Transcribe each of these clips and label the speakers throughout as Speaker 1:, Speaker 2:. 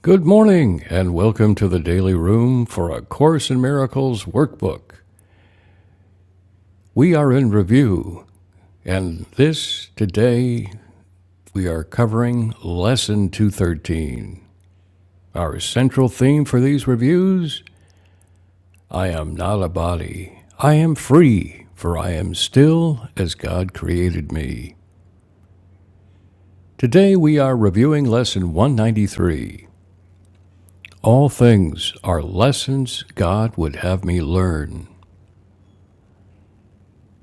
Speaker 1: Good morning, and welcome to the Daily Room for A Course in Miracles workbook. We are in review, and this today we are covering Lesson 213. Our central theme for these reviews I am not a body. I am free, for I am still as God created me. Today we are reviewing Lesson 193. All things are lessons God would have me learn.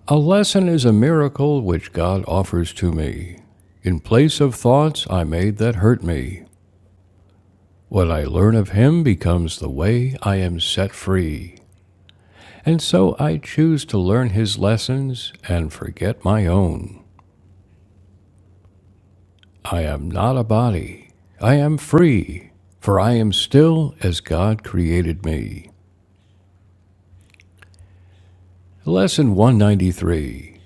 Speaker 1: A lesson is a miracle which God offers to me. In place of thoughts I made that hurt me. What I learn of Him becomes the way I am set free. And so I choose to learn His lessons and forget my own. I am not a body. I am free, for I am still as God created me. Lesson 193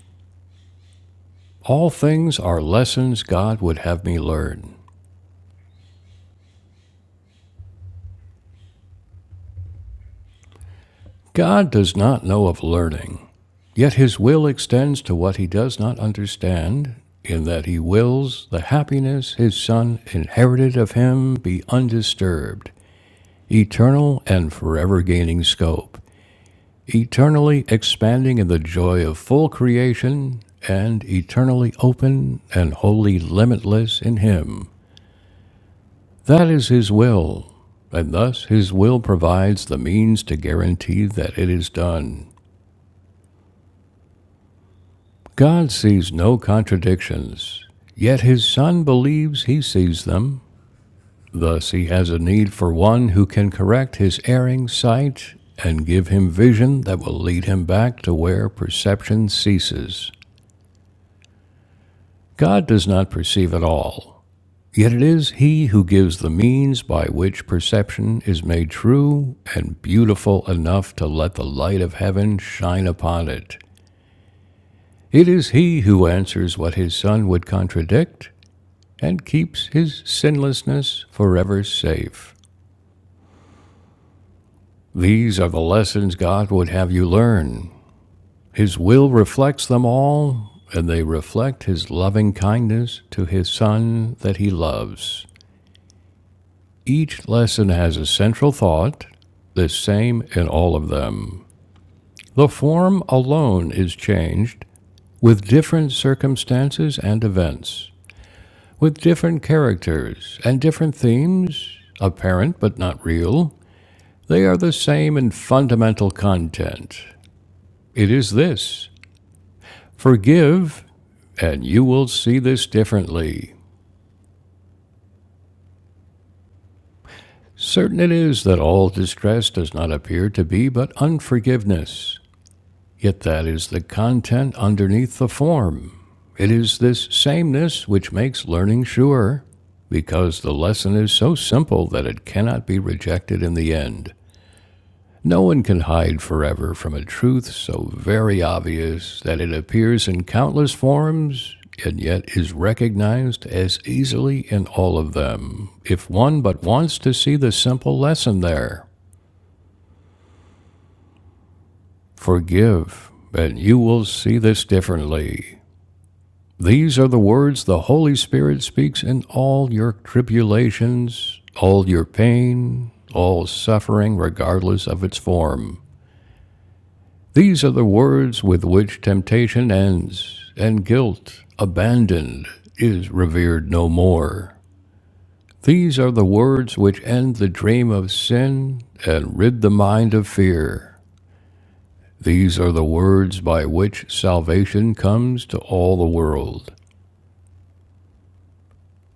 Speaker 1: All things are lessons God would have me learn. God does not know of learning. Yet his will extends to what he does not understand, in that he wills the happiness his Son inherited of him be undisturbed, eternal and forever gaining scope, eternally expanding in the joy of full creation, and eternally open and wholly limitless in him. That is his will, and thus his will provides the means to guarantee that it is done. God sees no contradictions, yet his Son believes he sees them. Thus, he has a need for one who can correct his erring sight and give him vision that will lead him back to where perception ceases. God does not perceive at all, yet it is he who gives the means by which perception is made true and beautiful enough to let the light of heaven shine upon it. It is he who answers what his Son would contradict and keeps his sinlessness forever safe. These are the lessons God would have you learn. His will reflects them all, and they reflect his loving kindness to his Son that he loves. Each lesson has a central thought, the same in all of them. The form alone is changed with different circumstances and events, with different characters and different themes, apparent but not real, They are the same in fundamental content. It is this forgive, and you will see this differently. Certain it is that all distress does not appear to be but unforgiveness, yet that is the content underneath the form. It is this sameness which makes learning sure, because the lesson is so simple that it cannot be rejected in the end. No one can hide forever from a truth so very obvious that it appears in countless forms and yet is recognized as easily in all of them, if one but wants to see the simple lesson there. Forgive, and you will see this differently. These are the words the Holy Spirit speaks in all your tribulations, all your pain, all suffering, regardless of its form. These are the words with which temptation ends, and guilt, abandoned, is revered no more. These are the words which end the dream of sin and rid the mind of fear. These are the words by which salvation comes to all the world.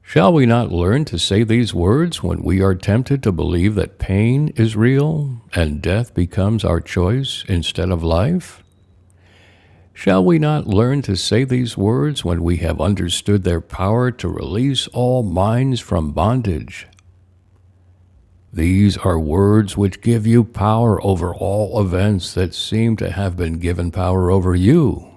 Speaker 1: Shall we not learn to say these words when we are tempted to believe that pain is real and death becomes our choice instead of life? Shall we not learn to say these words when we have understood their power to release all minds from bondage? These are words which give you power over all events that seem to have been given power over you.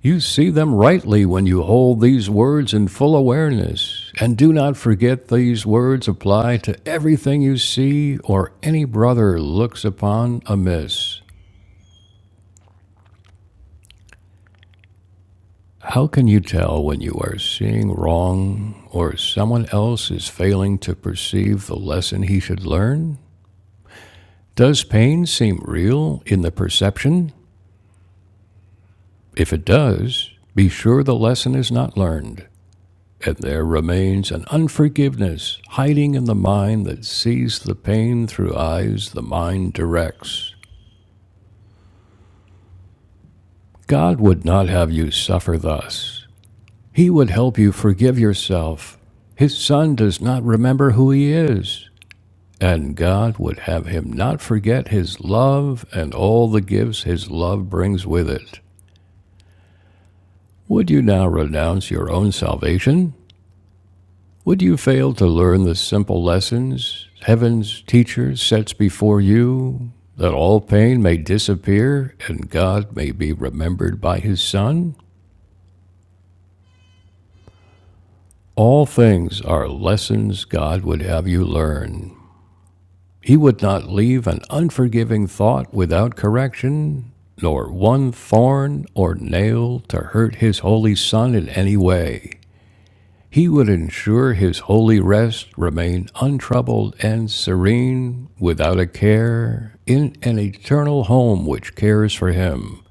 Speaker 1: You see them rightly when you hold these words in full awareness, and do not forget these words apply to everything you see or any brother looks upon amiss. How can you tell when you are seeing wrong or someone else is failing to perceive the lesson he should learn? Does pain seem real in the perception? If it does, be sure the lesson is not learned, and there remains an unforgiveness hiding in the mind that sees the pain through eyes the mind directs. God would not have you suffer thus. He would help you forgive yourself. His Son does not remember who He is And God would have him not forget his love and all the gifts his love brings with it. Would you now renounce your own salvation? Would you fail to learn the simple lessons heaven's teacher sets before you, that all pain may disappear and God may be remembered by his Son? All things are lessons God would have you learn. He would not leave an unforgiving thought without correction, nor one thorn or nail to hurt his holy son in any way. He would ensure his holy rest remained untroubled and serene, without a care, in an eternal home which cares for him.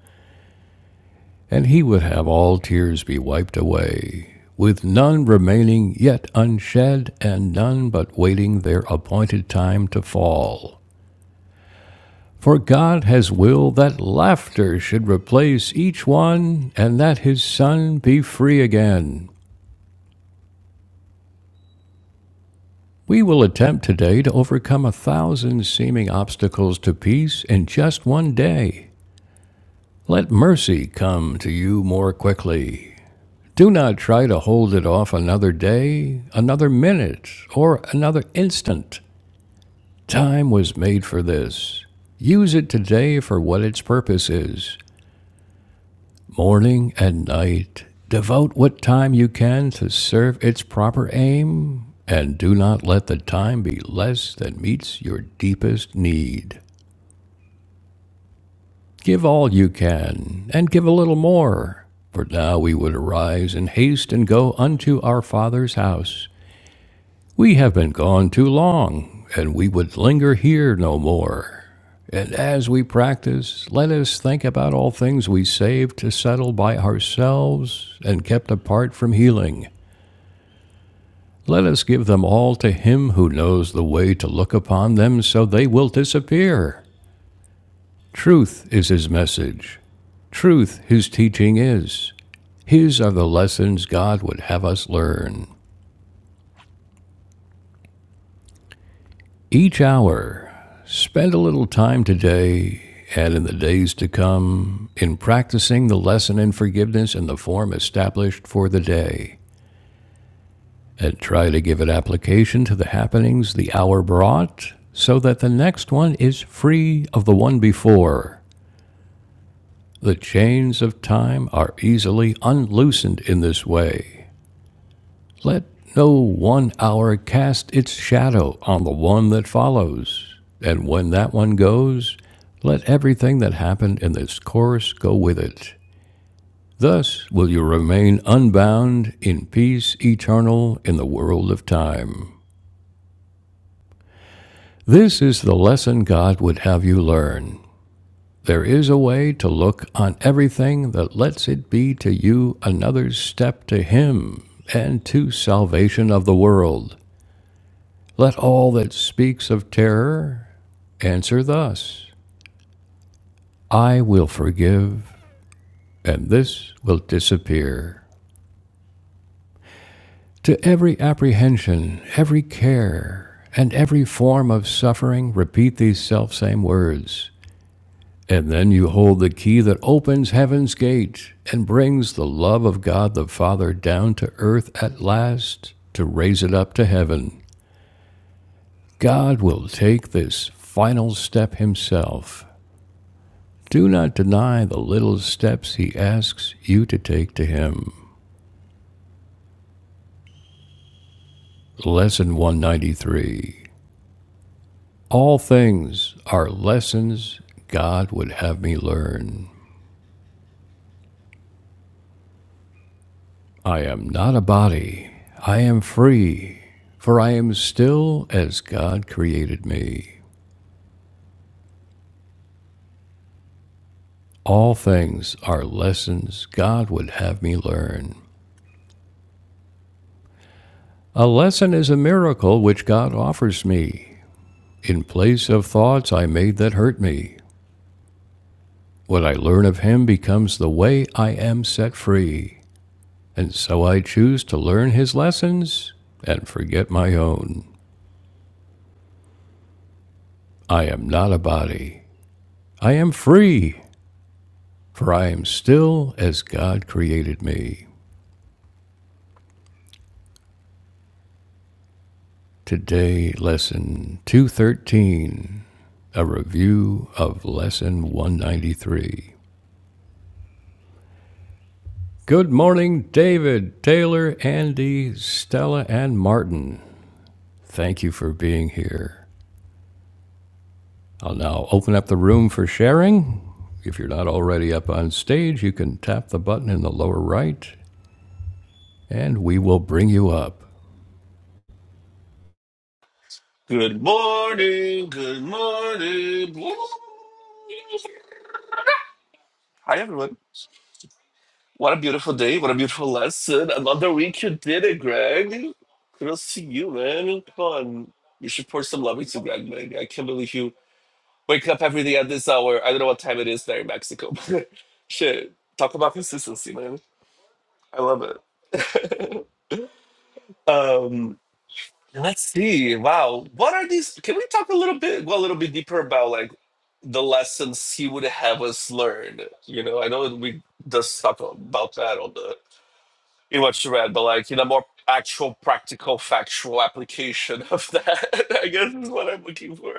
Speaker 1: And he would have all tears be wiped away, with none remaining yet unshed, and none but waiting their appointed time to fall. For God has willed that laughter should replace each one, and that his son be free again. We will attempt today to overcome a thousand seeming obstacles to peace in just one day. Let mercy come to you more quickly. Do not try to hold it off another day, another minute, or another instant. Time was made for this. Use it today for what its purpose is. morning and night. Devote what time you can to serve its proper aim, and do not let the time be less than meets your deepest need. Give all you can, and give a little more. For now we would arise in haste and go unto our Father's house, We have been gone too long, and we would linger here no more. And as we practice, let us think about all things we saved to settle by ourselves and kept apart from healing. Let us give them all to him who knows the way to look upon them so they will disappear. Truth is his message. Truth his teaching is. His are the lessons God would have us learn. Each hour, spend a little time today and in the days to come in practicing the lesson in forgiveness in the form established for the day, and try to give it application to the happenings the hour brought, so that the next one is free of the one before. The chains of time are easily unloosened in this way. Let no one hour cast its shadow on the one that follows. And when that one goes, let everything that happened in this course go with it. Thus will you remain unbound in peace eternal in the world of time. This is the lesson God would have you learn. There is a way to look on everything that lets it be to you another step to Him and to salvation of the world. Let all that speaks of terror answer thus I will forgive, and this will disappear. To every apprehension, every care, and every form of suffering, repeat these selfsame words. And then you hold the key that opens heaven's gate and brings the love of God the Father down to earth at last to raise it up to heaven. God will take this final step himself Do not deny the little steps he asks you to take to him. Lesson 193. All things are lessons God would have me learn. I am not a body. I am free, for I am still as God created me. All things are lessons God would have me learn. A lesson is a miracle which God offers me in place of thoughts I made that hurt me What I learn of him becomes the way I am set free. And so I choose to learn his lessons and forget my own. I am not a body. I am free, for I am still as God created me. Today, Lesson 213, a review of Lesson 193. Good morning, David, Taylor, Andy, Stella, and Martin. Thank you for being here. I'll now open up the room for sharing. If you're not already up on stage, you can tap the button in the lower right and we will bring you up.
Speaker 2: Good morning, good morning. Hi, everyone. What a beautiful day. What a beautiful lesson. Another week you did it, Greg. Kudos to you, man. Come on. You should pour some love into Greg, man. I can't believe you wake up every day at this hour. I don't know what time it is there in Mexico. Shit. Talk about consistency, man. I love it. um, Let's see. Wow. What are these? Can we talk a little bit, go a little bit deeper about like the lessons he would have us learn? You know, I know we just talked about that on the in what you read, but like in a more actual, practical, factual application of that, I guess is what I'm looking for.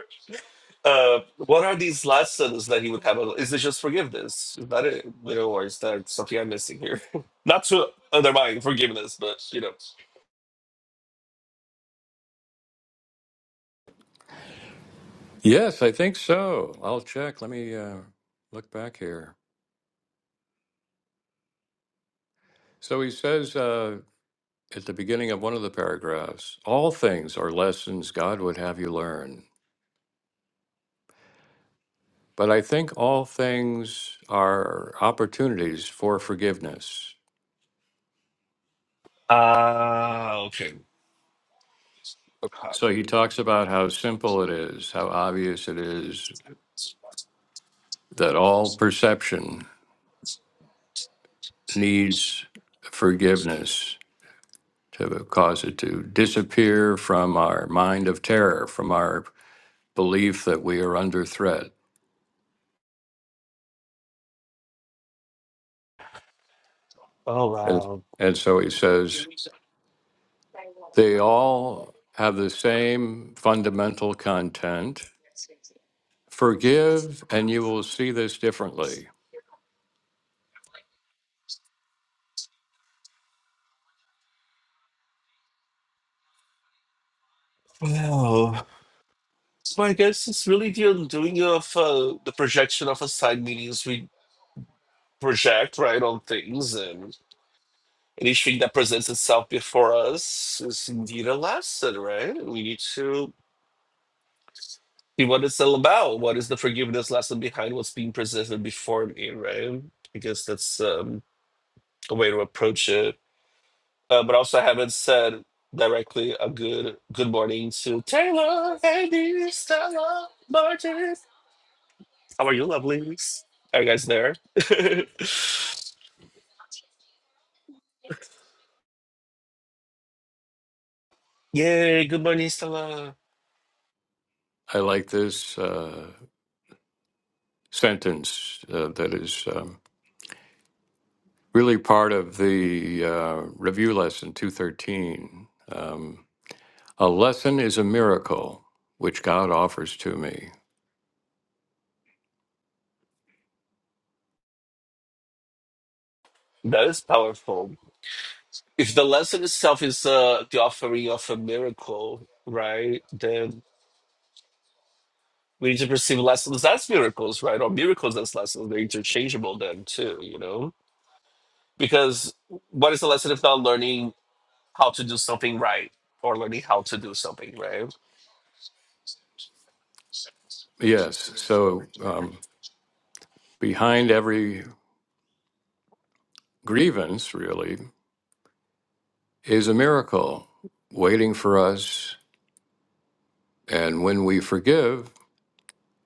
Speaker 2: Uh, what are these lessons that he would have? Is it just forgiveness? Is that it? You know, or is there something I'm missing here? Not to undermine forgiveness, but you know.
Speaker 1: Yes, I think so. I'll check. Let me uh, look back here. So he says uh, at the beginning of one of the paragraphs all things are lessons God would have you learn. But I think all things are opportunities for forgiveness.
Speaker 2: Ah, okay. Okay.
Speaker 1: So he talks about how simple it is, how obvious it is, that all perception needs forgiveness to cause it to disappear from our mind of terror, from our belief that we are under threat.
Speaker 2: Oh
Speaker 1: And,
Speaker 2: wow.
Speaker 1: and so he says, they all have the same fundamental content. Forgive, and you will see this differently.
Speaker 2: Wow. So I guess it's really the doing of uh, the projection of assigned meanings we project right on things and anything that presents itself before us is indeed a lesson, right? We need to see what it's all about. What is the forgiveness lesson behind what's being presented before me, right? I guess that's um, a way to approach it. Uh, but also I haven't said directly a good good morning to Taylor, Andy, Stella, Martin. How are you, lovelies? Are you guys there? Yay, good morning, Stella.
Speaker 1: I like this uh, sentence uh, that is um, really part of the uh, review lesson 213. A lesson is a miracle which God offers to me.
Speaker 2: That is powerful. If the lesson itself is uh, the offering of a miracle, right, then we need to perceive lessons as miracles, right? Or miracles as lessons. They're interchangeable then, too, you know? Because what is a lesson if not learning how to do something right or learning how to do something, right?
Speaker 1: Yes, so um, behind every grievance, really, is a miracle waiting for us. And when we forgive,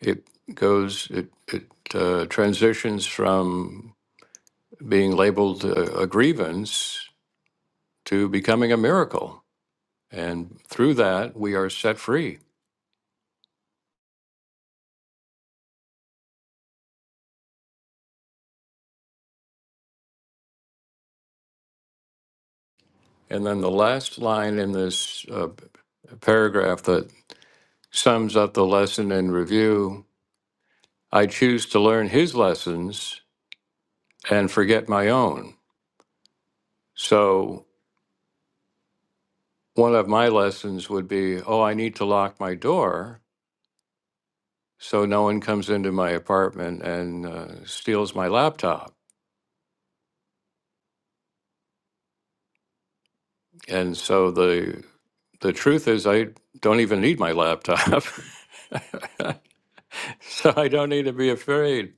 Speaker 1: it goes, it, it uh, transitions from being labeled a, a grievance to becoming a miracle. And through that, we are set free. And then the last line in this uh, paragraph that sums up the lesson in review I choose to learn his lessons and forget my own. So, one of my lessons would be oh, I need to lock my door so no one comes into my apartment and uh, steals my laptop. And so the the truth is I don't even need my laptop. so I don't need to be afraid.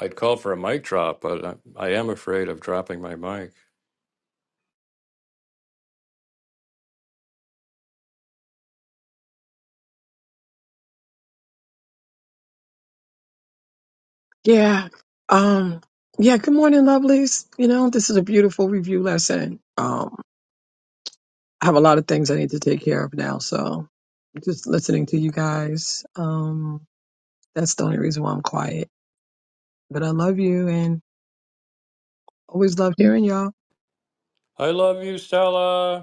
Speaker 1: I'd call for a mic drop, but I, I am afraid of dropping my mic.
Speaker 3: Yeah. Um, yeah, good morning, lovelies. You know, this is a beautiful review lesson. Um, I have a lot of things I need to take care of now, so just listening to you guys. Um, that's the only reason why I'm quiet. But I love you and always love hearing y'all.
Speaker 1: I love you, Stella.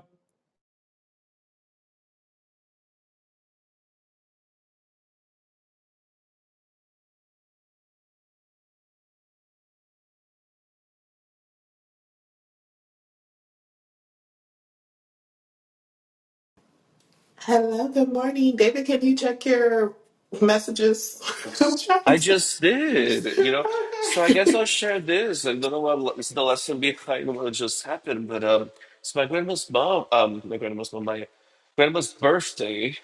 Speaker 4: Hello, good morning. David, can you check your messages? I'm trying
Speaker 2: I
Speaker 4: to.
Speaker 2: just did, you know. So I guess
Speaker 4: Okay.
Speaker 2: I'll share this. I don't know what is the lesson behind what just happened, but um, it's my grandma's mom. Um, my grandma's mom, my grandma's birthday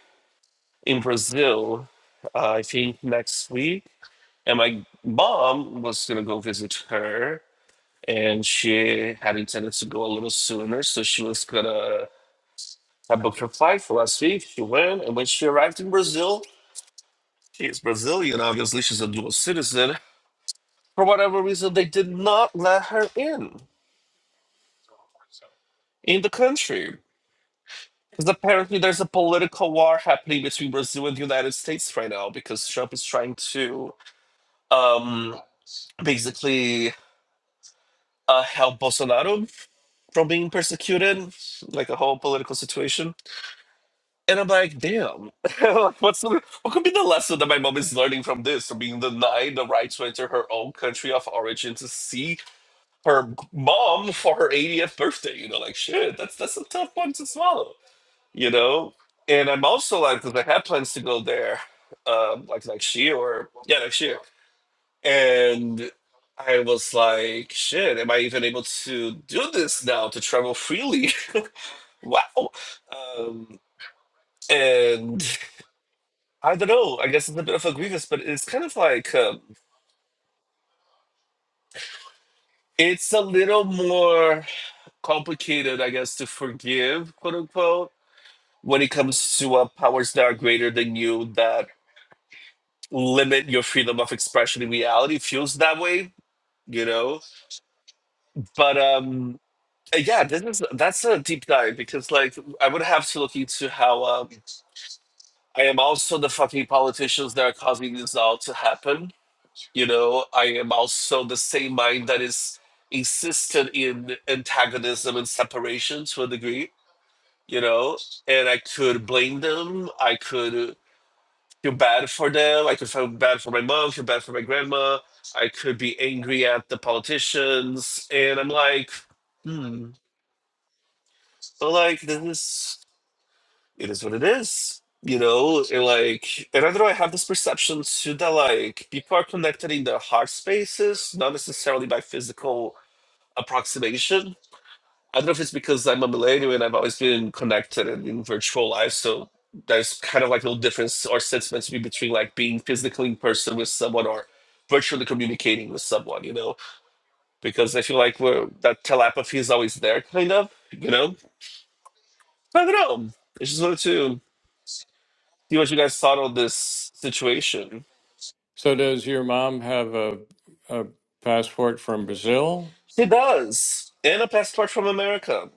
Speaker 2: in Brazil. Uh, I think next week, and my mom was gonna go visit her, and she had intended to go a little sooner, so she was gonna. I booked her flight for last week. She went, and when she arrived in Brazil, she is Brazilian, obviously. She's a dual citizen For whatever reason, they did not let her in in the country. Because apparently there's a political war happening between Brazil and the United States right now because Trump is trying to um, basically uh, help Bolsonaro from being persecuted, like a whole political situation. And I'm like, damn, what's the, what could be the lesson that my mom is learning from this? From being denied the right to enter her own country of origin to see her mom for her 80th birthday. You know, like shit, that's that's a tough one to swallow. You know, and I'm also like, because I had plans to go there, um, like next year or yeah, next year, and I was like, shit, am I even able to do this now to travel freely? wow. Um, and I don't know. I guess it's a bit of a grievous, but it's kind of like um, it's a little more complicated, I guess, to forgive, quote unquote when it comes to uh, powers that are greater than you that limit your freedom of expression in reality feels that way you know but um uh, yeah this is that's a deep dive because like i would have to look into how um i am also the fucking politicians that are causing this all to happen you know i am also the same mind that is insisted in antagonism and separation to a degree you know and i could blame them i could feel bad for them. I could feel bad for my mom, feel bad for my grandma. I could be angry at the politicians. And I'm like, hmm. So like this is it is what it is. You know, and like and I don't know, I have this perception too that like people are connected in their heart spaces, not necessarily by physical approximation I don't know if it's because I'm a millennial and I've always been connected and in virtual life, so there's kind of like no difference or sentiments between like being physically in person with someone or virtually communicating with someone, you know? Because I feel like we're, that telepathy is always there, kind of, you know? I don't know. I just wanted to see what you guys thought of this situation.
Speaker 1: So does your mom have a, a passport from Brazil?
Speaker 2: She does, and a passport from America.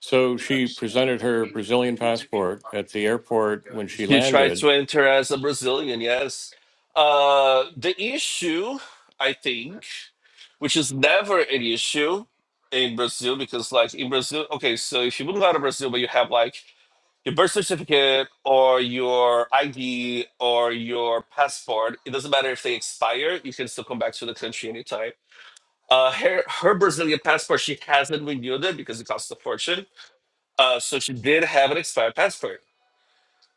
Speaker 1: So she presented her Brazilian passport at the airport when she
Speaker 2: She tried
Speaker 1: landed.
Speaker 2: to enter as a Brazilian, yes. Uh, the issue, I think, which is never an issue in Brazil, because like in Brazil, okay, so if you move out of Brazil, but you have like your birth certificate or your ID or your passport, it doesn't matter if they expire, you can still come back to the country anytime. Uh, her, her Brazilian passport, she hasn't renewed it because it costs a fortune. Uh, so she did have an expired passport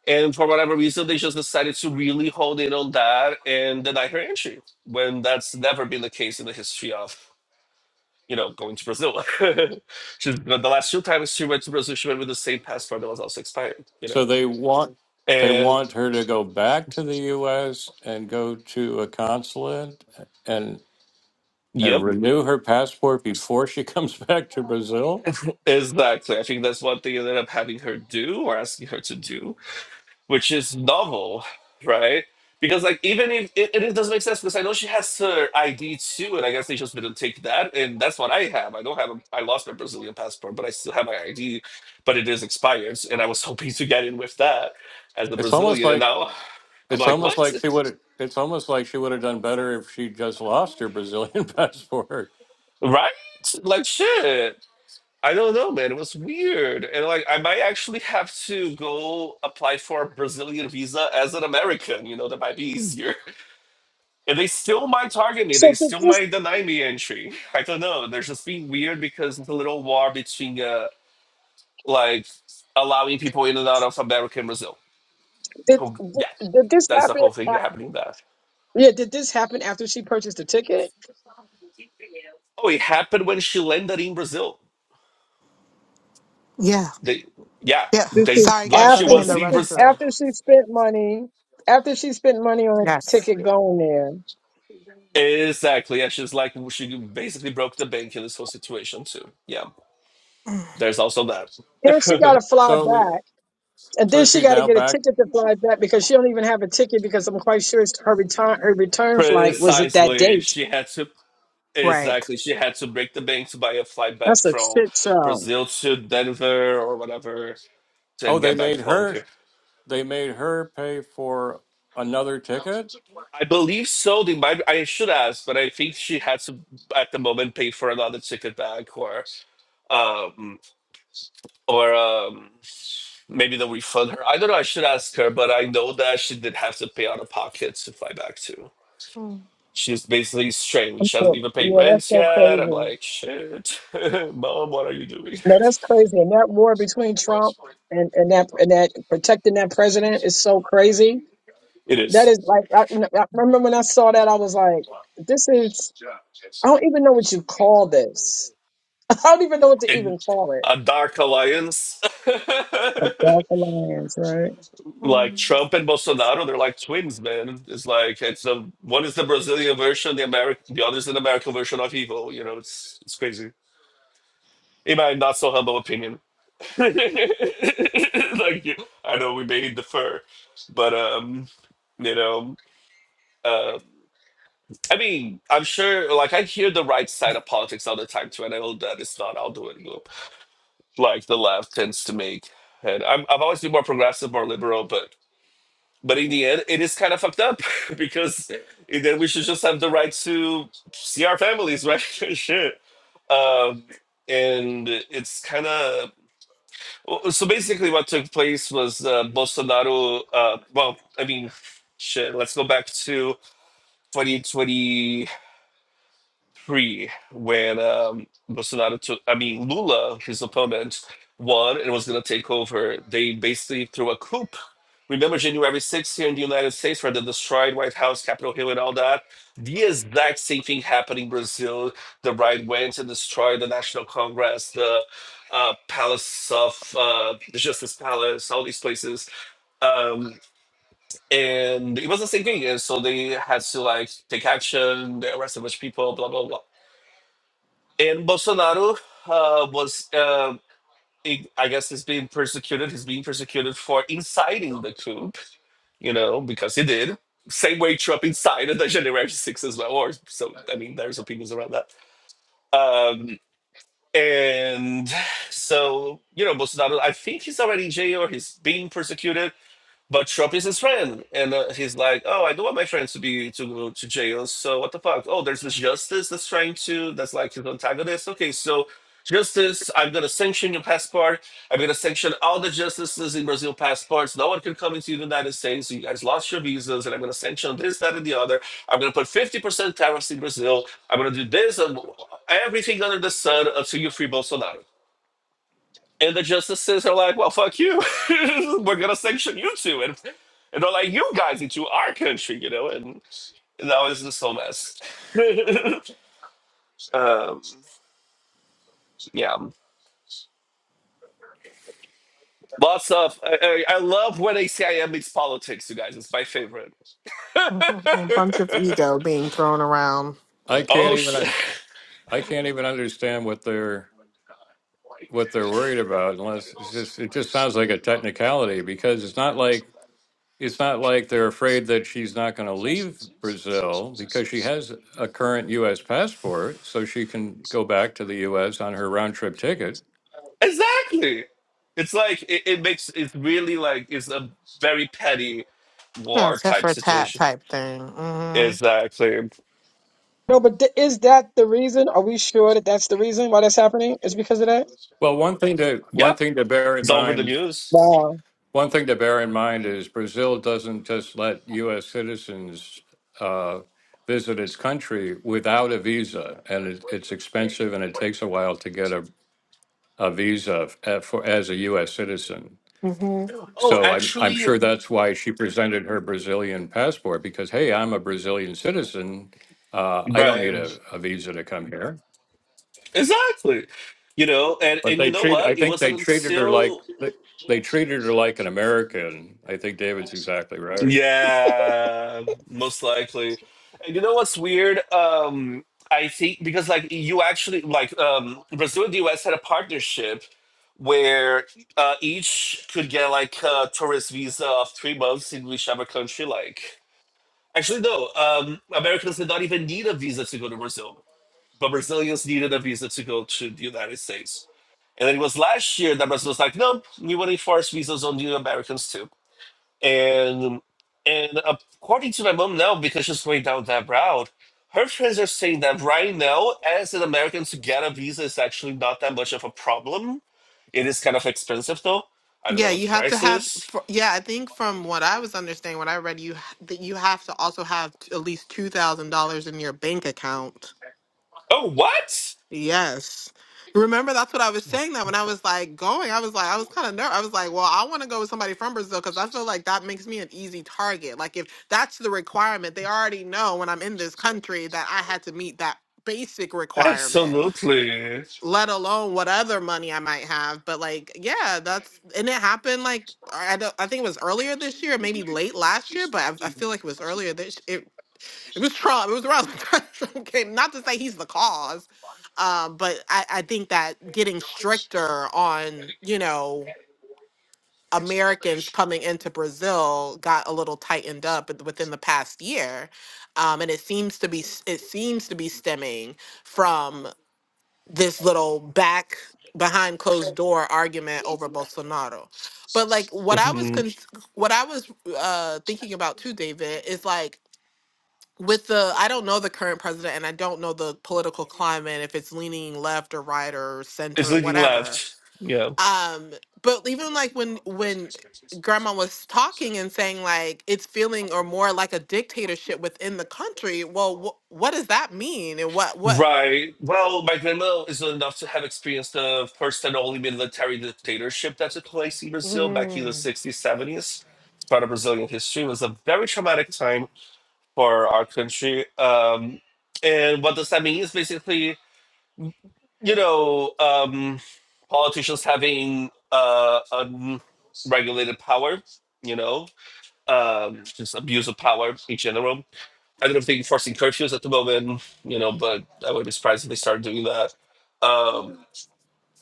Speaker 2: and for whatever reason, they just decided to really hone in on that and deny her entry when that's never been the case in the history of, you know, going to Brazil. She's, the the last two times she went to Brazil, she went with the same passport that was also expired, you
Speaker 1: So
Speaker 2: know?
Speaker 1: they want they
Speaker 2: And
Speaker 1: want her to go back to the US and go to a consulate and and
Speaker 2: yep,
Speaker 1: renew her passport before she comes back to Brazil?
Speaker 2: exactly. I think that's what they ended up having her do or asking her to do which is novel, right? Because like even if it, it doesn't make sense because I know she has her ID too, and I guess they just didn't take that, and that's what I have. I don't have a, I lost my Brazilian passport, but I still have my ID, but it is expired, and I was hoping to get in with that as a
Speaker 1: It's almost
Speaker 2: Brazilian, and
Speaker 1: like
Speaker 2: now I'm
Speaker 1: it's
Speaker 2: like,
Speaker 1: almost
Speaker 2: what,
Speaker 1: like she would it's almost like she would have done better if she just lost her Brazilian passport.
Speaker 2: right? Like shit. I don't know, man. It was weird, and like I might actually have to go apply for a Brazilian visa as an American. You know, that might be easier. And they still might target me. They
Speaker 3: So did
Speaker 2: still
Speaker 3: this
Speaker 2: might deny me entry. I don't know. They're just being weird because it's a little war between uh, like allowing people in and out of America and Brazil.
Speaker 3: did
Speaker 2: So, yeah,
Speaker 3: did, did this
Speaker 2: that's the
Speaker 3: happen?
Speaker 2: whole thing
Speaker 3: a-
Speaker 2: happening there.
Speaker 3: Yeah, did this happen after she purchased the ticket?
Speaker 2: Oh, it happened when she landed in Brazil.
Speaker 4: Yeah,
Speaker 2: They, yeah,
Speaker 4: yeah.
Speaker 3: This
Speaker 2: they
Speaker 3: is
Speaker 4: Sorry,
Speaker 2: like
Speaker 4: guys.
Speaker 2: she
Speaker 4: I've
Speaker 3: after
Speaker 4: been in
Speaker 2: was
Speaker 3: this
Speaker 4: the
Speaker 2: in
Speaker 3: is
Speaker 2: Brazil.
Speaker 4: restroom.
Speaker 3: after she spent money. After she spent money on a
Speaker 4: Yes,
Speaker 3: ticket going there,
Speaker 2: Exactly. Yeah, she's like she basically broke the bank in this whole situation too. Yeah, there's also
Speaker 3: then she got to
Speaker 2: that.
Speaker 3: fly
Speaker 1: So
Speaker 3: back. And
Speaker 1: so
Speaker 3: then she
Speaker 1: she's
Speaker 3: got to
Speaker 1: now
Speaker 3: get a
Speaker 1: back
Speaker 3: ticket to fly back because she don't even have a ticket because I'm quite sure it's her return her return flight was at that
Speaker 2: Precisely.
Speaker 3: date.
Speaker 2: She had to.
Speaker 4: right.
Speaker 2: Exactly. She had to break the bank to buy a flight back
Speaker 3: That's a
Speaker 2: from
Speaker 3: shit show.
Speaker 2: Brazil to Denver or whatever,
Speaker 1: Oh,
Speaker 2: then
Speaker 1: they
Speaker 2: get back
Speaker 1: made
Speaker 2: home
Speaker 1: her.
Speaker 2: here.
Speaker 1: They made her pay for another ticket.
Speaker 2: I believe so. They might. I should ask, but I think she had to at the moment pay for another ticket back or um or um maybe they'll refund her. I don't know. I should ask her, but I know that she did have to pay out of pocket to fly back to.
Speaker 4: Mm,
Speaker 2: She's basically strange. She hasn't even paid
Speaker 3: Yeah, that's
Speaker 2: rent
Speaker 3: so
Speaker 2: yet. I'm
Speaker 3: crazy.
Speaker 2: like, shit, mom, what are you doing?
Speaker 3: No, that's crazy. And that war between Trump and, and that and that protecting that president is so crazy.
Speaker 2: It
Speaker 3: That
Speaker 2: is.
Speaker 3: is like I, I remember when I saw that I was like, this is I don't even know what you call this. I don't even know what to
Speaker 2: in
Speaker 3: even call it.
Speaker 2: a dark alliance.
Speaker 3: A dark alliance, right?
Speaker 2: like
Speaker 4: mm,
Speaker 2: Trump and Bolsonaro, they're like twins, man. It's like it's a one is the Brazilian version, the American, the other is an American version of evil. You know, it's it's crazy. In my not so humble opinion, like you- I know we may defer, but um, you know, uh, I mean, I'm sure. Like I hear the right side of politics all the time too, and I know that it's not all doing. well. like the left tends to make. And I'm, I've always been more progressive, more liberal, but but in the end, it is kind of fucked up because then we should just have the right to see our families, right? Shit. Um, and it's kind of so basically what took place was uh, Bolsonaro. Uh, well, I mean, shit. Let's go back to 2020. three when um, Bolsonaro took, I mean, Lula, his opponent, won and was going to take over. They basically threw a coup. Remember January 6th here in the United States, where they destroyed White House, Capitol Hill, and all that? The exact same thing happened in Brazil. The right went and destroyed the National Congress, the uh, Palace of uh, the Justice Palace, all these places. Um, and it was the same thing. And so they had to like take action, they arrested a bunch of people, blah, blah, blah and Bolsonaro uh, was, uh, he- I guess, he's being persecuted. He's being persecuted for inciting the coup, you know, because he did. Same way Trump incited the January 6th as well. Or so, I mean, there's opinions around that. Um, and so, you know, Bolsonaro, I think he's already in jail. He's being persecuted. But Trump is his friend, and uh, he's like, "Oh, I don't want my friends to be to go to jail. So what the fuck? Oh, there's this justice that's trying to that's like his antagonist. Okay, so justice, I'm gonna sanction your passport. I'm gonna sanction all the justices in Brazil passports. No one can come into the United States. You guys lost your visas, and I'm gonna sanction this, that, and the other. I'm gonna put 50% tariffs in Brazil. I'm gonna do this and everything under the sun until you free Bolsonaro." And the justices are like, well, fuck you. We're going to sanction you too. And and they're like, you guys into our country, you know, and, and that was just whole mess. um, yeah, lots of. I, I, I love when ACIM makes politics, you guys. It's my favorite.
Speaker 4: mm, A bunch of ego being thrown around.
Speaker 1: I can't
Speaker 2: oh,
Speaker 1: even
Speaker 2: sh-
Speaker 1: un- I can't even understand what they're what they're worried about unless it's just it just sounds like a technicality because it's not like it's not like they're afraid that she's not going to leave Brazil because she has a current U.S. passport, so she can go back to the U.S. on her round trip ticket.
Speaker 2: exactly. It's like it, it makes it's really like it's a very petty
Speaker 4: Yeah,
Speaker 2: war
Speaker 4: tit
Speaker 2: type
Speaker 4: for tat
Speaker 2: situation.
Speaker 4: type thing. hmm
Speaker 2: Exactly.
Speaker 3: No, but th- is that the reason? Are we sure that that's the reason why that's happening? Is because of that?
Speaker 1: Well, one thing to one
Speaker 2: Yep.
Speaker 1: thing to bear in
Speaker 2: It's all over the
Speaker 1: mind
Speaker 2: news.
Speaker 3: Wow.
Speaker 1: One thing to bear in mind is Brazil doesn't just let U.S. citizens uh, visit its country without a visa, and it, it's expensive and it takes a while to get a, a visa f- eh, for, as a U.S. citizen.
Speaker 4: hmm
Speaker 2: Oh,
Speaker 1: So I'm, I'm
Speaker 2: actually,
Speaker 1: sure that's why she presented her Brazilian passport because, hey, I'm a Brazilian citizen. Uh, I don't need
Speaker 2: right.
Speaker 1: a, a visa to come here.
Speaker 2: Exactly. You know, and
Speaker 1: But
Speaker 2: and you
Speaker 1: they
Speaker 2: know
Speaker 1: treat, I
Speaker 2: what? It
Speaker 1: think they
Speaker 2: wasn't
Speaker 1: treated her like,
Speaker 2: until
Speaker 1: they they treated her like an American. I think David's exactly right.
Speaker 2: yeah, most likely. And you know what's weird? Um I think because like you actually like um Brazil and the US had a partnership where uh, each could get like a tourist visa of 3 months in whichever country like. Actually no, um Americans did not even need a visa to go to Brazil. But Brazilians needed a visa to go to the United States. And it was last year that Brazil was like, no, we want to enforce visas on the Americans too. And and according to my mom now, because she's going down that route, her friends are saying that right now, as an American to get a visa is actually not that much of a problem. It is kind of expensive though. I don't know
Speaker 4: Yeah,
Speaker 2: what
Speaker 4: you
Speaker 2: the
Speaker 4: have to
Speaker 2: price
Speaker 4: have.
Speaker 2: is.
Speaker 4: for- Yeah, I think from what I was understanding, what I read, you h- that you have to also have t- at least two thousand dollars in your bank account
Speaker 2: Oh, what?
Speaker 4: Yes. Remember, that's what I was saying that when I was like going, I was like, I was kind of nervous. I was like, well, I want to go with somebody from Brazil because I feel like that makes me an easy target. Like, if that's the requirement, they already know when I'm in this country that I had to meet that basic requirement,
Speaker 2: Absolutely.
Speaker 4: let alone what other money I might have. But, like, yeah, that's, and it happened like, I, don't, I think it was earlier this year, maybe late last year, but I, I feel like it was earlier this it was Trump. It was around the time Trump came. Not to say he's the cause, um, but I, I think that getting stricter on, you know, Americans coming into Brazil got a little tightened up with- within the past year, um, and it seems to be s- it seems to be stemming from this little back behind closed door argument over Bolsonaro. But like what I was
Speaker 2: Mhm.
Speaker 4: cons- what I was uh, thinking about too, David, is like with the I don't know the current president and I don't know the political climate if it's leaning left or right or
Speaker 2: It's
Speaker 4: center or Mhm.
Speaker 2: leading
Speaker 4: whatever.
Speaker 2: left. Yeah.
Speaker 4: Um but even like when when grandma was talking and saying like it's feeling or more like a dictatorship within the country, well wh- what does that mean and what what
Speaker 2: Right. Well, my grandma is old enough to have experienced the first and only military dictatorship that took place in Brazil back in the
Speaker 4: Mm,
Speaker 2: 60s, 70s. It's part of Brazilian history. It was a very traumatic time for our country. Um, and what does that mean is basically, you know, um, politicians having uh, unregulated power, you know, um, just abuse of power in general I don't know if they're enforcing curfews at the moment, you know, but I wouldn't be surprised if they start doing that. Um,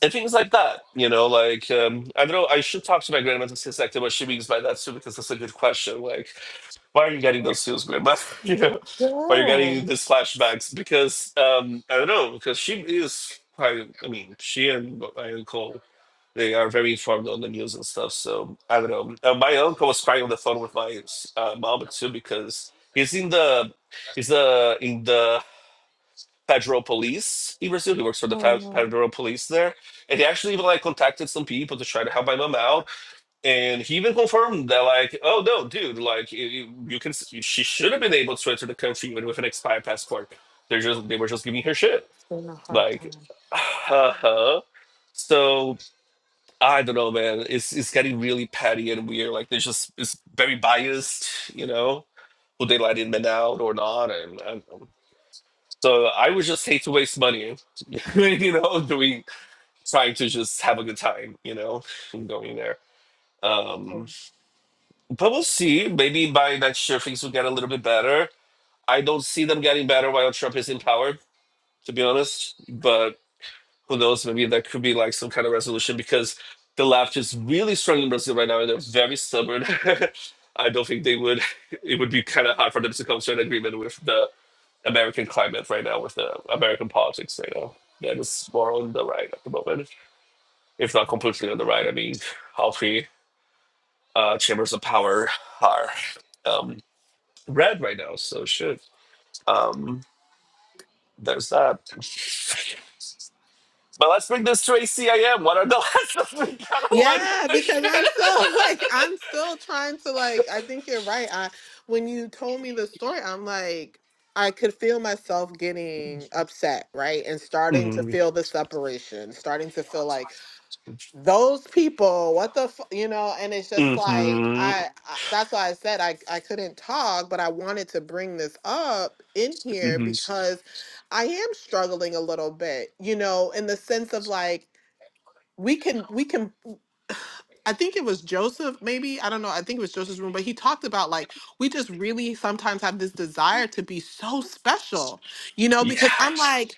Speaker 2: and things like that, you know, like, um, I don't know, I should talk to my grandma to see exactly what she means by that too, because that's a good question. Like, why are you getting those feels, grandma? you know, why are you getting these flashbacks? Because, um, I don't know, because she is quite, I mean, she and my uncle they are very informed on the news and stuff. So I don't know. Uh, my uncle was crying on the phone with my uh, mom too because he's in the he's the in the federal police in Brazil. He works for the fe- federal police there, and he actually even like contacted some people to try to help my mom out. And he even confirmed that like, oh no, dude, like you, you you can s- she should have been able to enter the country even with an expired passport. They're just they were just giving her shit.
Speaker 4: a hard
Speaker 2: Like,
Speaker 4: time.
Speaker 2: uh-huh. So I don't know, man. It's it's getting really petty and weird. Like they just it's very biased, you know, who they let in men out or not, and, and um, so I would just hate to waste money, you know, doing trying to just have a good time, you know, and going there. Um, but we'll see. Maybe by next year things will get a little bit better. I don't see them getting better while Trump is in power, to be honest. But. who knows, maybe that could be like some kind of resolution because the left is really strong in Brazil right now and they're very stubborn. I don't think they would, it would be kind of hard for them to come to an agreement with the American climate right now, with the American politics right now. That is more on the right at the moment, if not completely on the right. I mean, all three uh, chambers of power are um, red right now, so shit. Um, there's that. But let's bring this to a C A M. What are the lessons we gotta learn from
Speaker 4: Yeah,
Speaker 2: this
Speaker 4: because
Speaker 2: shit?
Speaker 4: I'm still like I'm still trying to like I think you're right. I when you told me the story, I'm like I could feel myself getting upset, right? And starting to
Speaker 2: Mm.
Speaker 4: feel the separation, starting to feel like those people, what the fu-, you know, and it's just like
Speaker 2: hmm
Speaker 4: I, I that's why I said I I couldn't talk, but I wanted to bring this up in here
Speaker 2: Mm-hmm.
Speaker 4: because I am struggling a little bit, you know, in the sense of like we can we can I think it was Joseph, maybe. I don't know. I think it was Joseph's room, but he talked about like we just really sometimes have this desire to be so special, you know, because I'm
Speaker 2: Yes.
Speaker 4: like,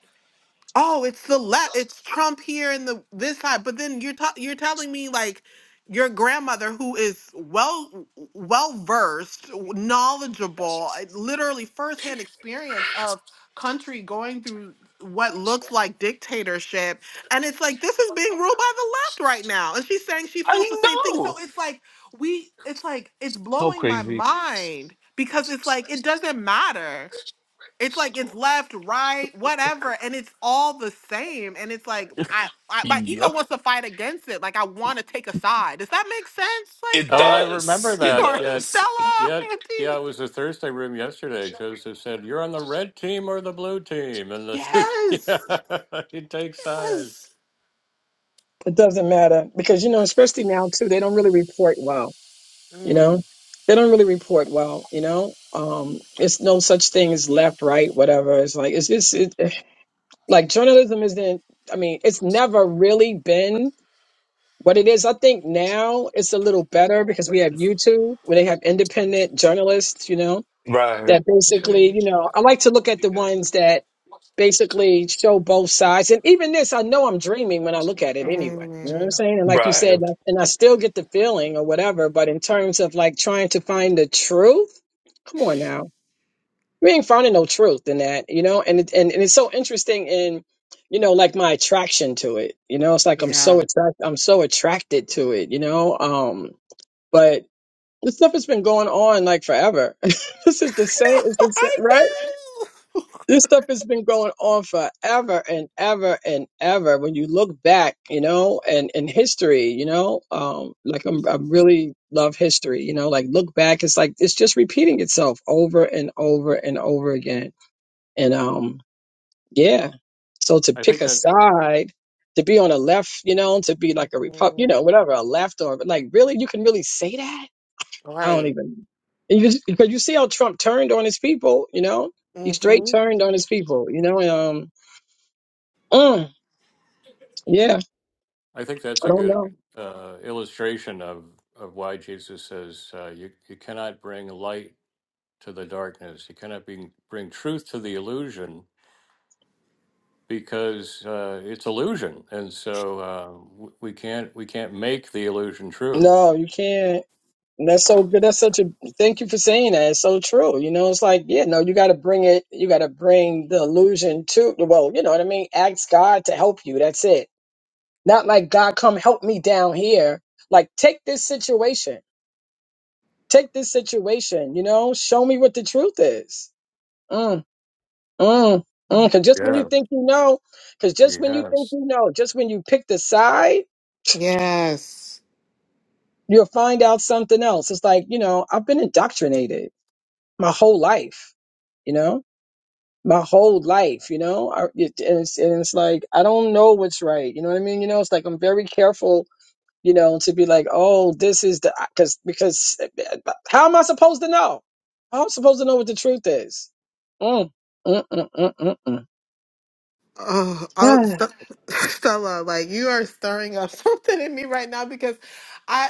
Speaker 4: oh, it's the left, it's Trump here and the this side. But then you're ta- you're telling me like your grandmother, who is well well versed, knowledgeable, uh, literally firsthand experience of country going through what looks like dictatorship, and it's like this is being ruled by the left right now, and she's saying she feels the
Speaker 2: I
Speaker 4: same thing. So
Speaker 2: know.
Speaker 4: it's like we, it's like it's
Speaker 2: So
Speaker 4: blowing my
Speaker 2: crazy.
Speaker 4: mind because it's like it doesn't matter it's like it's left, right, whatever, and it's all the same. And it's like I, I my ego
Speaker 2: Yep.
Speaker 4: wants to fight against it. Like I want to take a side. Does that make sense?
Speaker 2: It
Speaker 1: Oh, I remember
Speaker 2: does.
Speaker 4: Like
Speaker 2: It
Speaker 1: that.
Speaker 4: Greg
Speaker 1: Yeah,
Speaker 4: or
Speaker 2: does.
Speaker 4: Stella,
Speaker 1: yeah, yeah.
Speaker 4: Auntie?
Speaker 1: It was a Thursday room yesterday. Joseph said, "You're on the red team or the blue team," and the shoot,
Speaker 4: Yes,
Speaker 1: yeah, you take
Speaker 4: yes.
Speaker 1: sides.
Speaker 3: It doesn't matter because, you know, especially now too, they don't really report well, you know?
Speaker 4: Mm,
Speaker 3: They don't really report well, you know? Um, it's no such thing as left, right, whatever. It's like, it's just, it, like journalism isn't, I mean, it's never really been what it is. I think now it's a little better because we have YouTube where they have independent journalists, you know?
Speaker 2: Right.
Speaker 3: that basically,
Speaker 4: mhm,
Speaker 3: you know, I like to look at the ones that basically show both sides. And even this, I know I'm dreaming when I look at it anyway. You know what I'm
Speaker 4: mm,
Speaker 3: saying? And like you said, and
Speaker 2: Right.
Speaker 3: I and I still get the feeling or whatever, but in terms of like trying to find the truth, come on now. We ain't finding no truth in that, you know? And, it, and, and it's so interesting in, you know, like my attraction to it, you know, it's like I'm
Speaker 4: yeah.
Speaker 3: so attract, I'm so attracted to it, you know? Um, but this stuff has been going on like forever. this is the same, it's
Speaker 4: no,
Speaker 3: the same,
Speaker 4: I
Speaker 3: right? this stuff has been going on forever and ever and ever. When you look back, you know, and in history, you know, um, like I'm, I really love history, you know, like look back, it's like it's just repeating itself over and over and over again. And um, yeah, so to
Speaker 1: I think
Speaker 3: pick a
Speaker 1: that
Speaker 3: side, to be on a left, you know, to be like a
Speaker 4: know.
Speaker 3: republic, you
Speaker 4: Mhm,
Speaker 3: know, whatever, a left or like really, you can really say that I don't
Speaker 4: Right.
Speaker 3: even because because you see how Trump turned on his people, you know, he straight
Speaker 4: Mm-hmm.
Speaker 3: turned on his people, you know. and, Um, mm, yeah,
Speaker 1: I think that's
Speaker 3: I
Speaker 1: a
Speaker 3: don't
Speaker 1: good
Speaker 3: know.
Speaker 1: uh, illustration of of why Jesus says uh, you you cannot bring light to the darkness. You cannot bring bring truth to the illusion because uh, it's illusion, and so uh, w- we can't we can't make the illusion true.
Speaker 3: No, you can't. And That's so good. That's such a thank you for saying that. It's so true. You know, it's like yeah, no, you got to bring it. You got to bring the illusion to. Well, you know what I mean. Ask God to help you. That's it. Not like God, come help me down here. Like take this situation. Take this situation. You know, show me what the truth is. Mm. Mm, mm, cause just when you
Speaker 1: Yeah.
Speaker 3: think you know, cause just when you think
Speaker 1: Yes.
Speaker 3: you know, just when you pick the side,
Speaker 4: Yes.
Speaker 3: you'll find out something else. It's like, you know, I've been indoctrinated my whole life, you know, my whole life, you know, I, it, and, it's, and it's like, I don't know what's right. You know what I mean? You know, it's like, I'm very careful, you know, to be like, oh, this is the, cause, because uh, how am I supposed to know? How am I supposed to know what the truth is? Mm, mm, mm, mm,
Speaker 4: Oh, oh,
Speaker 3: mm,
Speaker 4: St- Stella, like you are stirring up something in me right now because I,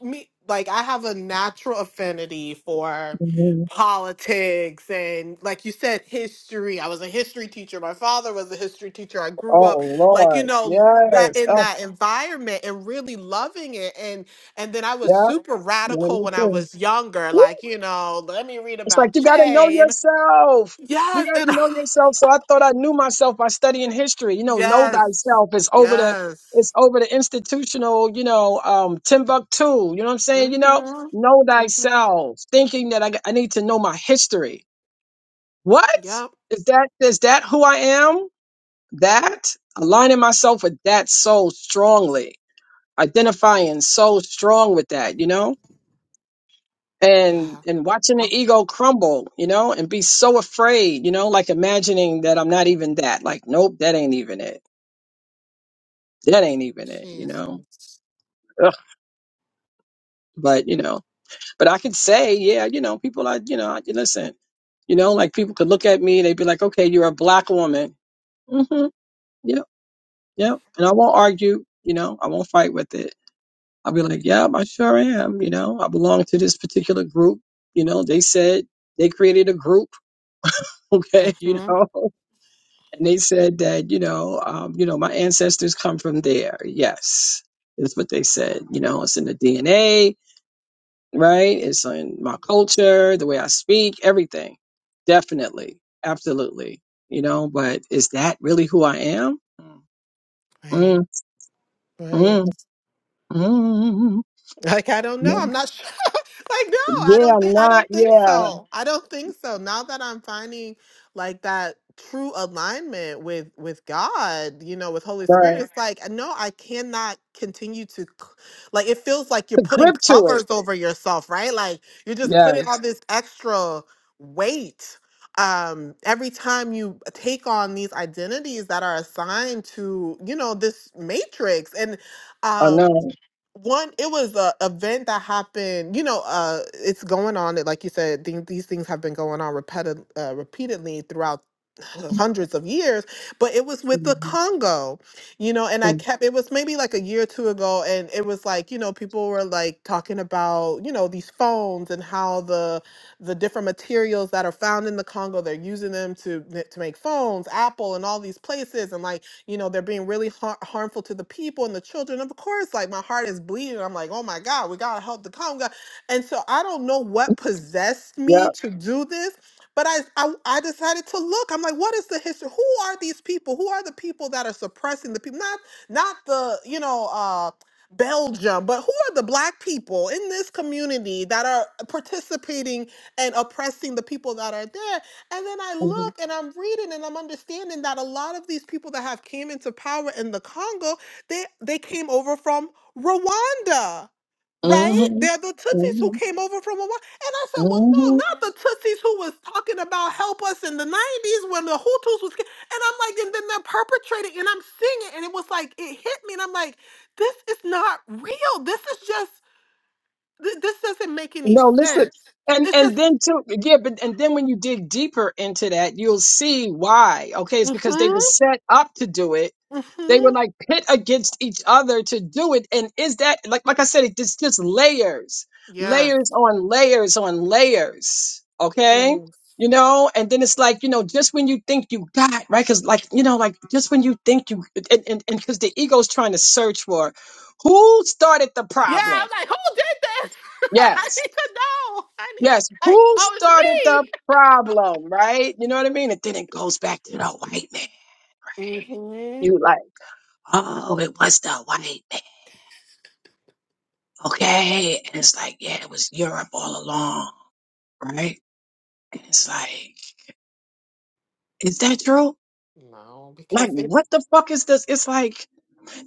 Speaker 4: me, like I have a natural affinity for
Speaker 3: mm.
Speaker 4: politics and, like you said, history. I was a history teacher. My father was a history teacher. I grew up,
Speaker 3: Oh
Speaker 4: like you
Speaker 3: Lord,
Speaker 4: know, that
Speaker 3: yes.
Speaker 4: in
Speaker 3: Oh
Speaker 4: that environment and really loving it. And and then I
Speaker 3: yeah,
Speaker 4: was super
Speaker 3: yeah, me
Speaker 4: radical when I
Speaker 3: too.
Speaker 4: was younger.
Speaker 3: Woo.
Speaker 4: Like you know, let me read
Speaker 3: It's like
Speaker 4: about
Speaker 3: you gotta know
Speaker 4: Che and
Speaker 3: yourself. You
Speaker 4: yes,
Speaker 3: gotta
Speaker 4: and.
Speaker 3: know yourself. So I thought I knew myself by studying history. You know, know
Speaker 4: Yes.
Speaker 3: thyself is over the
Speaker 4: Yes.
Speaker 3: it's over the institutional, you know, um Timbuktu. You know what I'm saying? You know,
Speaker 4: Mm-hmm.
Speaker 3: know
Speaker 4: Mm-hmm.
Speaker 3: thyself. Thinking that I, g- I need to know my history. What?
Speaker 4: Yep.
Speaker 3: Is that is that who I am? That? Aligning myself with that so strongly. Identifying so strong with that, you know? and
Speaker 4: Yeah.
Speaker 3: and watching the
Speaker 4: Oh,
Speaker 3: ego crumble you know and be so afraid you know like imagining that i'm not even that like nope that ain't even it that ain't even it you know
Speaker 4: Jesus.
Speaker 3: Ugh. but you know but i could say yeah you know people are you know I, listen you know like people could look at me they'd be like okay you're a black woman mm-hmm yep yep and i won't argue you know i won't fight with it i'll be like yep i sure am you know i belong to this particular group you know they said they created a group okay you
Speaker 4: Mm-hmm.
Speaker 3: know And they said that, you know, um, you know, my ancestors come from there. Yes. is what they said. You know, it's in the DNA, right? It's in my culture, the way I speak, everything. Definitely. Absolutely. You know, but is that really who I am?
Speaker 4: Right.
Speaker 3: Mm,
Speaker 4: Right.
Speaker 3: mm, mm. mm.
Speaker 4: Like I don't know.
Speaker 3: No.
Speaker 4: I'm not sure. like no, I
Speaker 3: Yeah,
Speaker 4: don't
Speaker 3: I'm
Speaker 4: think I
Speaker 3: not.
Speaker 4: don't think
Speaker 3: Yeah.
Speaker 4: so. I don't think so. Now that I'm finding like that true alignment with with God, you know, with Holy Spirit,
Speaker 3: Right.
Speaker 4: it's like no, I cannot continue to c- like it feels like you're
Speaker 3: The
Speaker 4: putting
Speaker 3: grip to it.
Speaker 4: covers over yourself, right? Like you're just putting all
Speaker 3: Yes.
Speaker 4: this extra weight um every time you take on these identities that are assigned to you know this matrix and
Speaker 3: I
Speaker 4: um
Speaker 3: know.
Speaker 4: one it was a event that happened you know uh it's going on it- like you said these, these things have been going on repeated uh, repeatedly throughout hundreds of years but it was with the
Speaker 3: Mm-hmm.
Speaker 4: congo you know and i
Speaker 3: mm-hmm.
Speaker 4: kept it was maybe like a year or two ago and it was like you know people were like talking about you know these phones and how the the different materials that are found in the congo they're using them to ma- to make phones apple and all these places and like you know they're being really har- harmful to the people and the children of course like my heart is bleeding i'm like oh my god we gotta help the congo and so i don't know what possessed me
Speaker 3: Yep.
Speaker 4: to do this but I, I i decided to look i'm like what is the history who are these people who are the people that are suppressing the people not not the you know uh Belgium, but who are the black people in this community that are participating and oppressing the people that are there? And then I
Speaker 3: Mm-hmm.
Speaker 4: look and I'm reading and I'm understanding that a lot of these people that have came into power in the Congo, they they came over from Rwanda, right?
Speaker 3: Mm-hmm.
Speaker 4: They're the Tutsis who
Speaker 3: mm-hmm,
Speaker 4: came over from Rwanda. And I said, well,
Speaker 3: mm-hmm.
Speaker 4: no, not the Tutsis who was talking about help us in the 90s when the Hutus was. ca-" And I'm like, and then they're perpetrating and I'm seeing it. And it was like, it hit me. And I'm like, this is not real. This is just, th- this doesn't make any
Speaker 3: No, listen.
Speaker 4: sense.
Speaker 3: And
Speaker 4: It's
Speaker 3: and
Speaker 4: just,
Speaker 3: then too, yeah, but and then when you dig deeper into that, you'll see why. Okay, it's because they were
Speaker 4: mm-hmm,
Speaker 3: set up to do it. They were
Speaker 4: mm-hmm.
Speaker 3: like pit against each other to do it. And is that like like I said, it- it's just layers,
Speaker 4: Yes.
Speaker 3: layers on layers on layers.
Speaker 4: Yes.
Speaker 3: Okay. You know, and then it's like, you know, just when you think you got, right? Because, like, you know, like just when you think you, and because and, because the ego's trying to search for who started the
Speaker 4: Yeah,
Speaker 3: problem.
Speaker 4: I'm like, who did this? I
Speaker 3: Yes.
Speaker 4: need to know. I need
Speaker 3: Yes,
Speaker 4: to like,
Speaker 3: who
Speaker 4: oh,
Speaker 3: started the problem, right? You know what I mean? And then it goes back to the white man.
Speaker 4: it's me.
Speaker 3: You like, oh, it was the white man, okay? And it's like, yeah, it was Europe all along, right? And it's like, is that true?
Speaker 4: hmm No,
Speaker 3: Like,
Speaker 4: because it
Speaker 3: what the fuck is this? It's like,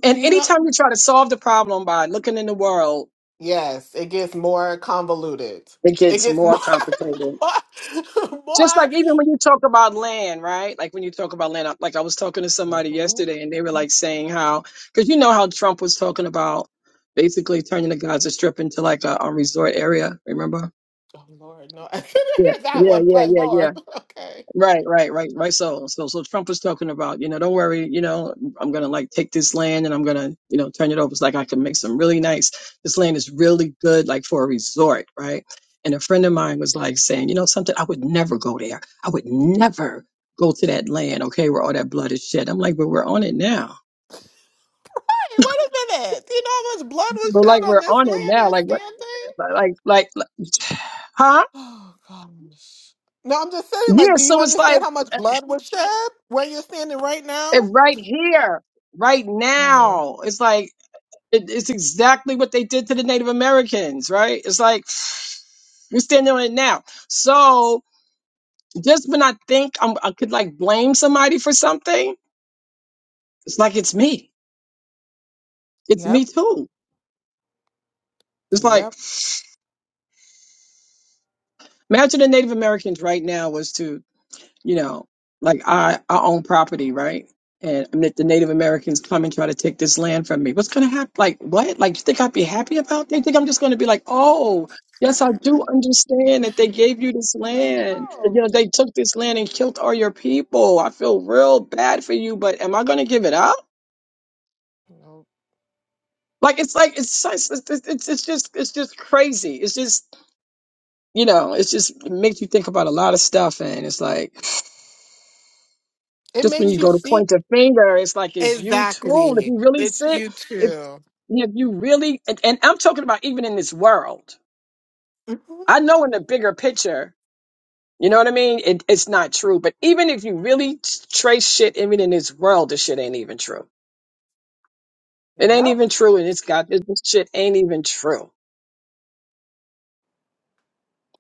Speaker 3: and
Speaker 4: you know
Speaker 3: anytime you try to solve the problem by looking in the world,
Speaker 4: yes, it gets more convoluted.
Speaker 3: it
Speaker 4: It
Speaker 3: gets
Speaker 4: gets
Speaker 3: more
Speaker 4: more
Speaker 3: complicated.
Speaker 4: more,
Speaker 3: Just
Speaker 4: more.
Speaker 3: like even when you talk about land, right? Like when you talk about land, I- like I was talking to somebody
Speaker 4: hmm
Speaker 3: yesterday and they were like saying how, because you know how Trump was talking about basically turning the Gaza Strip into like a, a resort area, remember?
Speaker 4: Oh Lord, no, I couldn't
Speaker 3: Yeah,
Speaker 4: hear that
Speaker 3: yeah,
Speaker 4: one,
Speaker 3: yeah,
Speaker 4: but
Speaker 3: yeah, yeah.
Speaker 4: Lord, okay.
Speaker 3: Right, right, right, right. So, so, so Trump was talking about, you know, don't worry, you know, I'm gonna like take this land and I'm gonna, you know, turn it over. It's like I can make some really nice. This land is really good, like for a resort, right? And a friend of mine was like saying, you know, something I would never go there. I would never go to that land, okay, where all that blood is shed. I'm like, but we're on it now.
Speaker 4: Hey, wait a minute. You know how much blood was
Speaker 3: But like
Speaker 4: shed on
Speaker 3: we're
Speaker 4: this
Speaker 3: on it
Speaker 4: land
Speaker 3: now,
Speaker 4: you're
Speaker 3: like what,
Speaker 4: standing?
Speaker 3: like, like, like, huh?
Speaker 4: Oh gosh. No, I'm just saying, like,
Speaker 3: Yeah.
Speaker 4: do you
Speaker 3: So it's like
Speaker 4: understand how much blood was shed where you're standing right
Speaker 3: eh,
Speaker 4: now?
Speaker 3: right here, right now. It's like. It- It's exactly what they did to the Native Americans, right? It's like we're standing on it now. So just when I think I'm, I could like blame somebody for something, it's like it's me. It's
Speaker 4: Yep.
Speaker 3: me too. It's like
Speaker 4: Yep.
Speaker 3: imagine the Native Americans right now was to you know, like I, I own property, right? And that the Native Americans come and try to take this land from me. What's going to happen? Like, what? Like, you think I'd be happy about that? You think I'm just going to be like, oh, yes, I do understand that they gave you this
Speaker 4: Hell
Speaker 3: land. That, You
Speaker 4: no.
Speaker 3: know, they took this land and killed all your people. I feel real bad for you, but am I going to give it up?
Speaker 4: No.
Speaker 3: Like, it's like, it's, so, it's, it's, it's it's just, it's just crazy. It's just, you know, it's just, it makes you think about a lot of stuff. And it's like,
Speaker 4: It
Speaker 3: Just when
Speaker 4: makes
Speaker 3: you
Speaker 4: you
Speaker 3: go to
Speaker 4: see
Speaker 3: point a finger, it's like, is you too? If
Speaker 4: exactly.
Speaker 3: you really
Speaker 4: It's
Speaker 3: sick,
Speaker 4: you
Speaker 3: if,
Speaker 4: too.
Speaker 3: if you really, and, and I'm talking about even in this world.
Speaker 4: Mhm.
Speaker 3: I know in the bigger picture, you know what I mean? It, it's not true. But even if you really trace shit, even in this world, this shit ain't even true. It ain't
Speaker 4: Yep.
Speaker 3: even true. And it's got, this shit ain't even true.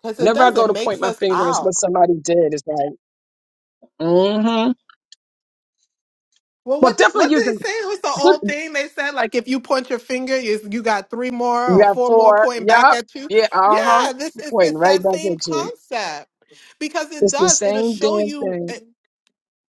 Speaker 4: Because it
Speaker 3: Whenever I
Speaker 4: does. It
Speaker 3: go to point
Speaker 4: makes
Speaker 3: my
Speaker 4: us
Speaker 3: finger at what
Speaker 4: out.
Speaker 3: somebody did, it's like, mm hmm.
Speaker 4: Well,
Speaker 3: Well,
Speaker 4: what did
Speaker 3: definitely
Speaker 4: what did
Speaker 3: using,
Speaker 4: they say? It was the old thing they said, like if you point your finger, you, you got three more or
Speaker 3: yeah,
Speaker 4: four more
Speaker 3: for,
Speaker 4: pointing back
Speaker 3: yeah,
Speaker 4: at you.
Speaker 3: yeah, uh huh.
Speaker 4: Yeah, this is
Speaker 3: Pointing
Speaker 4: it's
Speaker 3: right
Speaker 4: that
Speaker 3: back
Speaker 4: same
Speaker 3: at you.
Speaker 4: concept because it
Speaker 3: It's the
Speaker 4: does. It'll
Speaker 3: same
Speaker 4: show
Speaker 3: damn
Speaker 4: you.
Speaker 3: thing.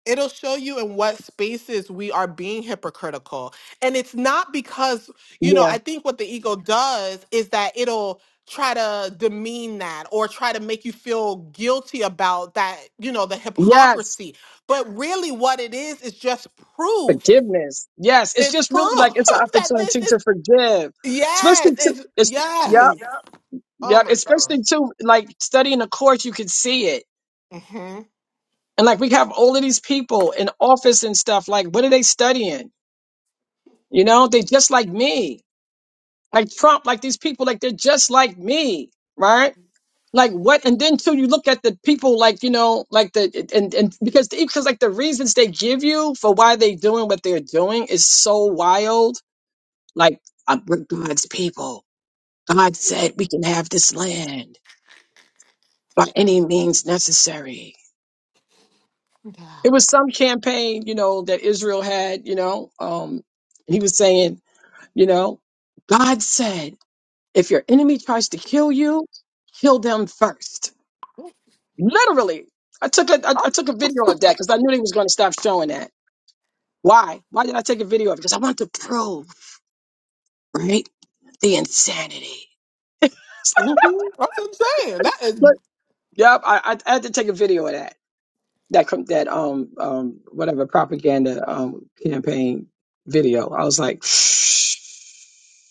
Speaker 4: It'll show you in what spaces we are being hypocritical. And it's not because, you know,
Speaker 3: Yeah.
Speaker 4: I think what the ego does is that it'll try to demean that or try to make you feel guilty about that, you know, the
Speaker 3: Yes.
Speaker 4: hypocrisy. But really, what it is is just proof.
Speaker 3: Forgiveness. Yes. It's
Speaker 4: It's
Speaker 3: just really
Speaker 4: proof
Speaker 3: like it's an
Speaker 4: that this
Speaker 3: opportunity
Speaker 4: is,
Speaker 3: to forgive, especially
Speaker 4: yes,
Speaker 3: to
Speaker 4: it's,
Speaker 3: it's yep
Speaker 4: yes. Oh
Speaker 3: yep.
Speaker 4: my God.
Speaker 3: Especially too like studying the course, you can see it,
Speaker 4: hmm
Speaker 3: and like we have all of these people in office and stuff. Like, what are they studying? You know, they just like me. Like Trump, like these people, like they're just like me, right? like what and then too you look at the people like you know like the and and because because like the reasons they give you for why they doing what they're doing is so wild like uh, we're god's people god said we can have this land by any means necessary it was some campaign you know that israel had you know um and he was saying you know god said if your enemy tries to kill you kill them first Literally, I took a I, I took a video of that because I knew they was going to stop showing that. Why? Why did I take a video of it? Because I want to prove, right, the insanity.
Speaker 4: hmm That's what I'm saying. That is
Speaker 3: But yep, I, I, I had to take a video of that that com- that um um whatever propaganda um campaign video. I was like,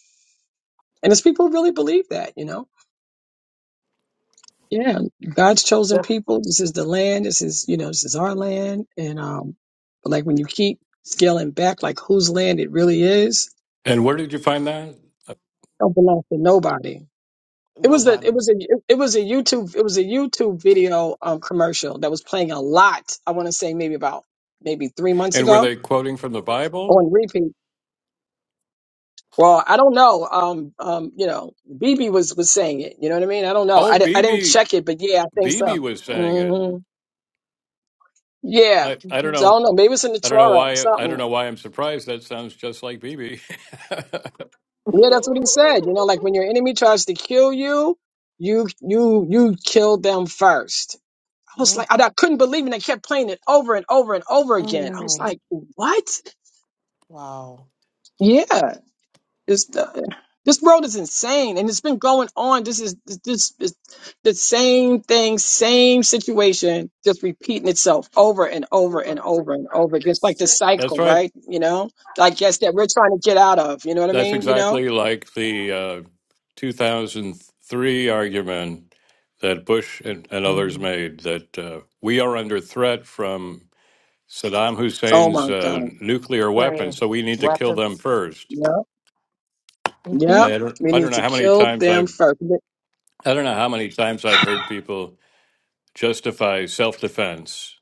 Speaker 3: and it's people who really believe that, you know. Yeah, God's chosen people. This is the land. This is, you know, this is our land. And um, but like when you keep scaling back, like whose land it really is,
Speaker 1: And where did you find that?
Speaker 3: don't belong to nobody. It was a, it
Speaker 4: nobody.
Speaker 3: was a, it was a YouTube, it was a YouTube video um commercial that was playing a lot. I want to say maybe about maybe three months
Speaker 1: And were
Speaker 3: ago
Speaker 1: they quoting from the Bible?
Speaker 3: on repeat. Well, I don't know. Um, um, you know, BB was was saying it. You know what I mean? I don't know.
Speaker 1: Oh,
Speaker 3: I, di- I didn't
Speaker 1: BB
Speaker 3: check it, but yeah, I think
Speaker 1: BB
Speaker 3: so.
Speaker 1: was saying it.
Speaker 3: Mm-hmm. Yeah.
Speaker 1: I, I don't
Speaker 4: Mhm.
Speaker 3: So I
Speaker 1: know.
Speaker 3: don't know. Maybe it's in the
Speaker 1: I don't know
Speaker 3: Torah or
Speaker 1: why I don't
Speaker 3: something.
Speaker 1: know why I'm surprised. That sounds just like BB.
Speaker 3: Yeah, that's what he said. You know, like when your enemy tries to kill you, you you you kill them first. I was
Speaker 4: Mm-mm.
Speaker 3: like, I, I couldn't believe it. I kept playing it over and over and over again. I was like, what?
Speaker 4: Wow.
Speaker 3: Yeah. This this world is insane, and it's been going on. This is this this is the same thing, same situation, just repeating itself over and over and over and over. Just like the
Speaker 1: That's
Speaker 3: cycle,
Speaker 1: right.
Speaker 3: right? You know, I guess that we're trying to get out of. You know what I
Speaker 1: That's
Speaker 3: mean? You know.
Speaker 1: exactly like the uh, 2003 argument that Bush and, and others
Speaker 3: Mhm.
Speaker 1: made that uh, we are under threat from Saddam
Speaker 3: Oh
Speaker 1: Hussein's
Speaker 3: my
Speaker 1: uh,
Speaker 3: God.
Speaker 1: nuclear
Speaker 4: Right.
Speaker 1: weapons, so we need to kill them first.
Speaker 3: Yep. Yep.
Speaker 1: I don't
Speaker 3: We
Speaker 1: I don't
Speaker 3: need
Speaker 1: know
Speaker 3: to
Speaker 1: how many
Speaker 3: kill
Speaker 1: times I've
Speaker 3: them first.
Speaker 1: I don't know how many times I've heard people justify self-defense.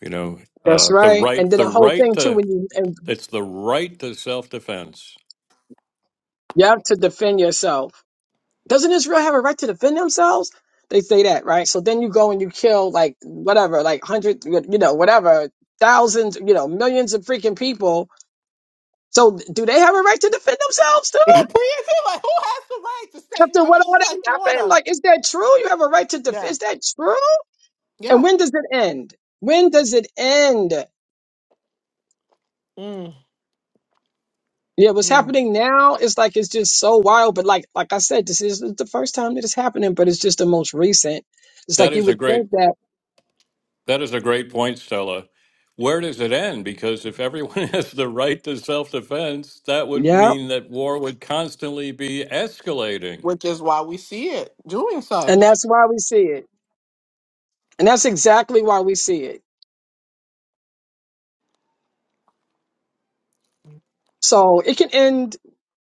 Speaker 1: You know,
Speaker 3: That's
Speaker 1: uh, the
Speaker 3: right.
Speaker 1: right,
Speaker 3: And then
Speaker 1: the
Speaker 3: the whole
Speaker 1: right
Speaker 3: thing too,
Speaker 1: to
Speaker 3: when you and
Speaker 1: it's the right to self-defense.
Speaker 3: you have to defend yourself Doesn't Israel have a right to defend themselves? They say that, right? So then you go and you kill like whatever, like hundred, you know, whatever, thousands, you know, millions of freaking people. So do they have a right to defend themselves too?
Speaker 4: Please, like, who has the right to stay in your,
Speaker 3: After
Speaker 4: I
Speaker 3: what
Speaker 4: mean,
Speaker 3: all
Speaker 4: it's
Speaker 3: that
Speaker 4: like
Speaker 3: happened,
Speaker 4: Florida.
Speaker 3: like, is that true? You have a right to defend.
Speaker 4: Yeah.
Speaker 3: Is that true? And
Speaker 4: Yeah.
Speaker 3: when does it end? When does it end?
Speaker 4: Mm,
Speaker 3: Yeah, what's
Speaker 4: mm.
Speaker 3: happening now is like it's just so wild. But like, like I said, this is the first time that it's happening, but it's just the most recent. It's
Speaker 1: That
Speaker 3: like you
Speaker 1: is a
Speaker 3: would
Speaker 1: great
Speaker 3: think that,
Speaker 1: that is a great point, Stella. Where does it end? Because if everyone has the right to self-defense, that would
Speaker 3: yeah,
Speaker 1: mean that war would constantly be escalating.
Speaker 4: Which is why we see it doing
Speaker 3: and
Speaker 4: such.
Speaker 3: that's why we see it. And that's exactly why we see it. So it can end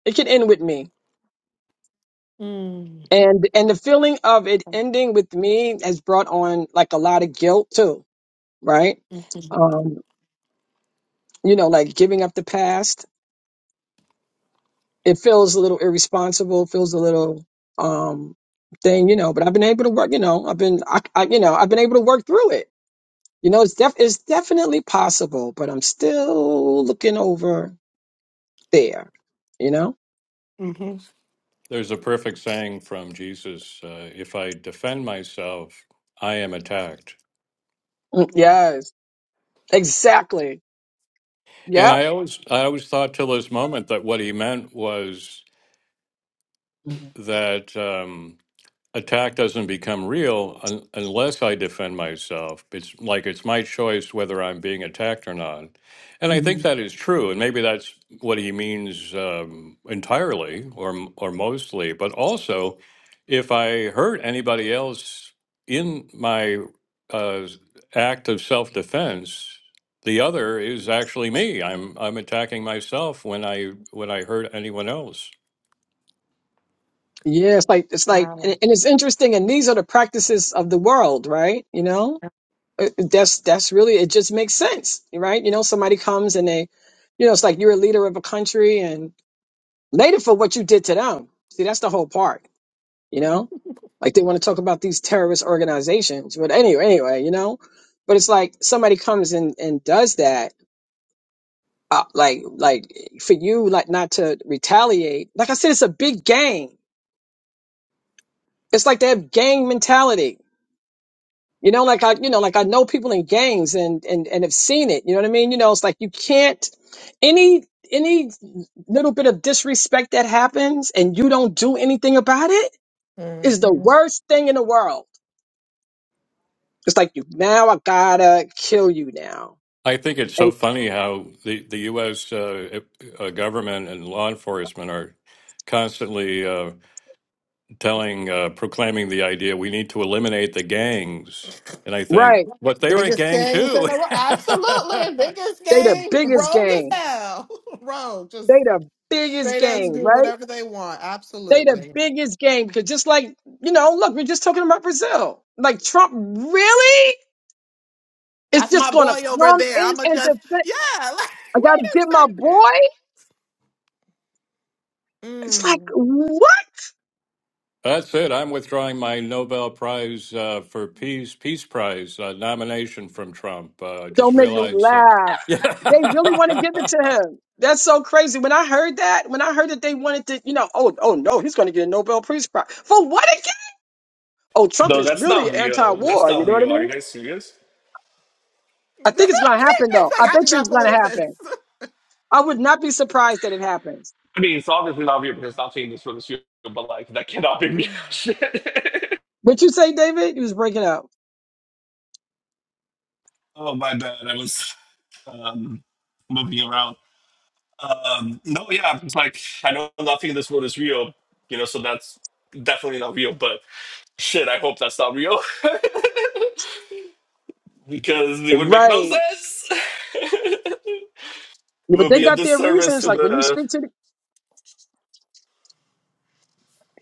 Speaker 3: it can end with me.
Speaker 4: Mm,
Speaker 3: And and the feeling of it ending with me has brought on like a lot of guilt too, right?
Speaker 4: hmm
Speaker 3: Um, you know, like giving up the past. It feels a little irresponsible, feels a little um thing, you know, but I've been able to work, you know, I've been I, I you know, I've been able to work through it. You know, it's def it's definitely possible, but I'm still looking over there, you know?
Speaker 4: hmm
Speaker 1: There's a perfect saying from Jesus: uh, "If I defend myself, I am attacked."
Speaker 3: Mm, Yes. Exactly. Yeah.
Speaker 1: And I always I always thought till this moment that what he meant was
Speaker 3: Mhm.
Speaker 1: that um, attack doesn't become real un- unless I defend myself. It's like it's my choice whether I'm being attacked or not. And I think
Speaker 3: Mhm.
Speaker 1: that is true. And maybe that's what he means um, entirely or, m- or mostly. But also, if I hurt anybody else in my uh, act of self defense, the other is actually me. I'm I'm attacking myself when I when I hurt anyone else.
Speaker 3: Yeah, it's like it's like, and and it's interesting. And these are the practices of the world, right? You know, It- it- that's that's really it. Just makes sense, right? You know, somebody comes and they, you know, it's like you're a leader of a country and later for what you did to them. See, that's the whole part. You know, like they want to talk about these terrorist organizations, but anyway, anyway, you know, but it's like somebody comes and and does that. Uh, like like for you like not to retaliate like i said it's a big game It's like they have gang mentality. You know, like I, you know, like I know people in gangs and and and have seen it. You know what I mean? You know, it's like you can't any any little bit of disrespect that happens and you don't do anything about it is the
Speaker 4: hmm
Speaker 3: worst thing in the world. It's like you now I gotta kill you now.
Speaker 1: I think it's so
Speaker 3: And
Speaker 1: funny how the, the U.S. Uh, uh, government and law enforcement are constantly uh, telling, uh, proclaiming the idea we need to eliminate the gangs. And I think,
Speaker 3: right,
Speaker 1: but they're a
Speaker 4: Biggest
Speaker 1: gang
Speaker 4: gangs in
Speaker 1: too.
Speaker 4: the world. Absolutely. Biggest
Speaker 3: they the
Speaker 4: gang.
Speaker 3: biggest
Speaker 4: Rogue as
Speaker 3: gang.
Speaker 4: hell. Rogue. Just
Speaker 3: They the biggest
Speaker 4: straight as
Speaker 3: gang,
Speaker 4: do
Speaker 3: right?
Speaker 4: whatever they want.
Speaker 3: They the
Speaker 4: Absolutely.
Speaker 3: biggest gang because just like you know, look, we're just talking about Brazil. Like Trump, really? It's
Speaker 4: That's
Speaker 3: just
Speaker 4: my
Speaker 3: gonna
Speaker 4: boy over
Speaker 3: come
Speaker 4: there.
Speaker 3: in
Speaker 4: I'ma
Speaker 3: and
Speaker 4: just
Speaker 3: defend.
Speaker 4: yeah, like
Speaker 3: I gotta get my
Speaker 4: wait a second.
Speaker 3: boy. It's
Speaker 4: Mm.
Speaker 3: like, what?
Speaker 1: That's it. I'm withdrawing my Nobel Prize uh, for Peace Peace Prize uh, nomination from Trump. Uh, I just
Speaker 3: Don't make me
Speaker 1: realized. Uh,
Speaker 3: laugh. They really want to
Speaker 1: yeah.
Speaker 3: give it to him. That's so crazy. When I heard that, when I heard that they wanted to, you know, oh, oh no, he's gonna get a Nobel Peace Prize. For what again? Oh, Trump
Speaker 2: No,
Speaker 3: is
Speaker 2: that's not
Speaker 3: really
Speaker 2: real. That's
Speaker 3: anti-war, you
Speaker 2: not
Speaker 3: know what I
Speaker 2: real. Are you
Speaker 3: mean?
Speaker 2: guys serious?
Speaker 3: I think it's gonna happen though.
Speaker 4: like
Speaker 3: I
Speaker 4: I do
Speaker 3: bet you
Speaker 4: not
Speaker 3: it's gonna
Speaker 4: believe this.
Speaker 3: happen. I would not be surprised that it happens.
Speaker 2: I mean, it's obviously not real because not saying this for this year, but like that cannot be real shit.
Speaker 3: What you say, David? You was breaking up.
Speaker 2: oh my bad. I was um moving around. Um, no, yeah, it's like I know nothing in this world is real, you know, so that's definitely not real. But shit, I hope that's not real because it would make no
Speaker 3: Right.
Speaker 2: sense. it
Speaker 3: Yeah, but
Speaker 2: would
Speaker 3: they
Speaker 2: be a
Speaker 3: got their
Speaker 2: disservice
Speaker 3: reasons.
Speaker 2: to
Speaker 3: Like when you
Speaker 2: the
Speaker 3: speak to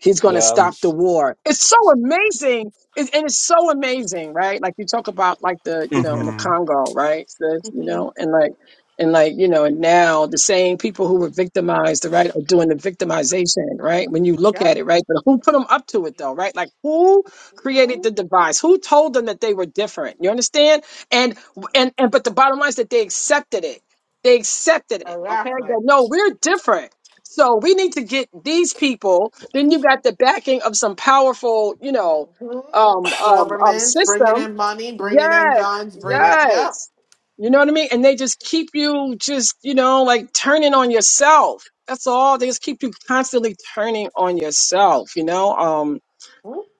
Speaker 3: He's going to
Speaker 2: yeah.
Speaker 3: stop the war. It's so amazing. It, and it's so amazing, right? Like you talk about like the, you know, in the
Speaker 2: hmm
Speaker 3: Congo, right? Sis, you
Speaker 4: Mm-hmm.
Speaker 3: know, and like, and like, you know, and now the same people who were victimized, right, are doing the victimization, right? When you look
Speaker 4: Yep.
Speaker 3: at it, right? But who put them up to it though, right? Like who created
Speaker 4: Mm-hmm.
Speaker 3: the device? Who told them that they were different? You understand? And, and, and, but the bottom line is that they accepted it. They accepted it. Okay.
Speaker 4: Exactly.
Speaker 3: That no, we're different so we need to get these people. Then you got the backing of some powerful, you know,
Speaker 4: hmm
Speaker 3: um, um, um,
Speaker 4: Governments bringing
Speaker 3: system.
Speaker 4: in money, bringing in
Speaker 3: Yes,
Speaker 4: guns, bringing yep.
Speaker 3: yes. You know what I mean? And they just keep you just, you know, like turning on yourself. That's all. They just keep you constantly turning on yourself, you know? Um,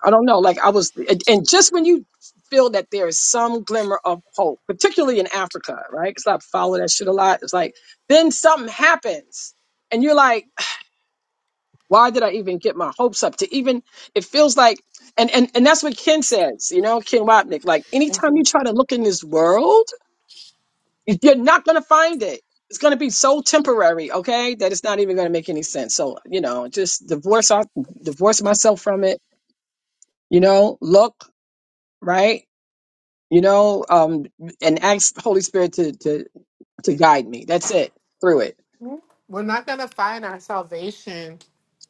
Speaker 3: I don't know. Like I was, and and just when you feel that there is some glimmer of hope, particularly in Africa, right? Because I follow that shit a lot. It's like, then something happens and you're like, why did I even get my hopes up to even it feels like and and and that's what Ken says, you know, Ken Wapnick. Like anytime
Speaker 4: Mm-hmm.
Speaker 3: you try to look in this world, you're not gonna find it. It's gonna be so temporary, okay, that it's not even gonna make any sense. So, you know, just divorce our divorce myself from it, you know, look, right? You know, um and ask the Holy Spirit to to to guide me. That's it. Through it.
Speaker 4: Mm-hmm.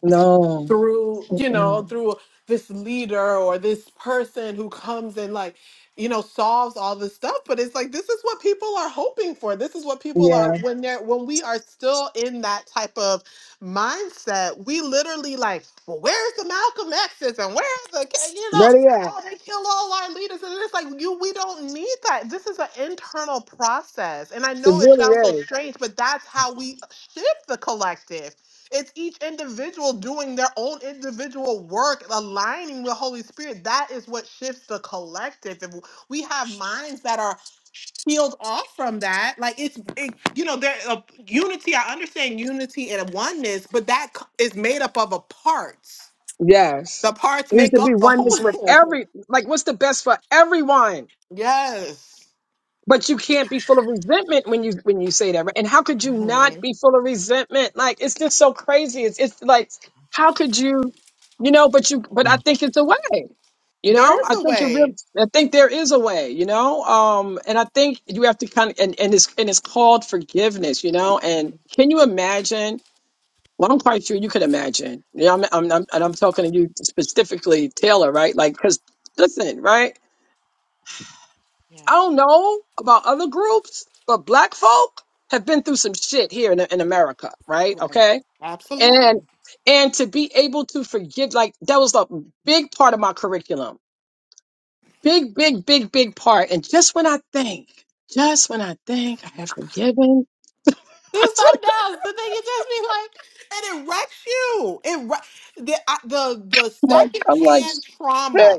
Speaker 3: No.
Speaker 4: through you know
Speaker 3: Mm-mm.
Speaker 4: through this leader or this person who comes and like you know solves all this stuff but it's like this is what people are hoping for this is what people are
Speaker 3: Yeah.
Speaker 4: when they're when we are still in that type of mindset we literally like well where's the malcolm x's and where's the K-" you know
Speaker 3: Ready at.
Speaker 4: oh they kill all our leaders and it's like you we don't need that this is an internal process and i
Speaker 3: It
Speaker 4: know it
Speaker 3: really
Speaker 4: sounds so
Speaker 3: is.
Speaker 4: strange but that's how we shift the collective it's each individual doing their own individual work, aligning with Holy Spirit. That is what shifts the collective. If we have minds that are peeled off from that, like it's, it, you know, there uh, unity. I understand unity and oneness, but that c- is made up of a parts.
Speaker 3: Yes.
Speaker 4: The parts
Speaker 3: It Needs
Speaker 4: make
Speaker 3: to be
Speaker 4: up the
Speaker 3: oneness with
Speaker 4: whole.
Speaker 3: every like what's the best for everyone.
Speaker 4: Yes,
Speaker 3: But you can't be full of resentment when you when you say that, right? And how could you not
Speaker 4: hmm
Speaker 3: be full of resentment? Like it's just so crazy. It's it's like how could you, you know? But you but I think it's a way, you
Speaker 4: there
Speaker 3: know. I
Speaker 4: is a
Speaker 3: think you're real.
Speaker 4: way.
Speaker 3: I think there is a way, you know. Um, and I think you have to kind of and and it's and it's called forgiveness, you know. And can you imagine? Well, I'm quite sure you could imagine. You know, I'm, I'm, I'm, and I'm talking to you specifically, Taylor, right? Like, because listen, right?
Speaker 4: Yeah.
Speaker 3: I don't know about other groups, but black folk have been through some shit here in, in America, right?
Speaker 4: Right.
Speaker 3: Okay.
Speaker 4: Absolutely.
Speaker 3: And, and to be able to forgive, like, that was a big part of my curriculum. Big, big, big, big part. And just when I think, just when I think I have forgiven, I
Speaker 4: Do
Speaker 3: swear to
Speaker 4: something else. The thing it just be like, and it wrecks you. It wre- the I- the the
Speaker 3: God, I'm like,
Speaker 4: secondhand
Speaker 3: shit.
Speaker 4: trauma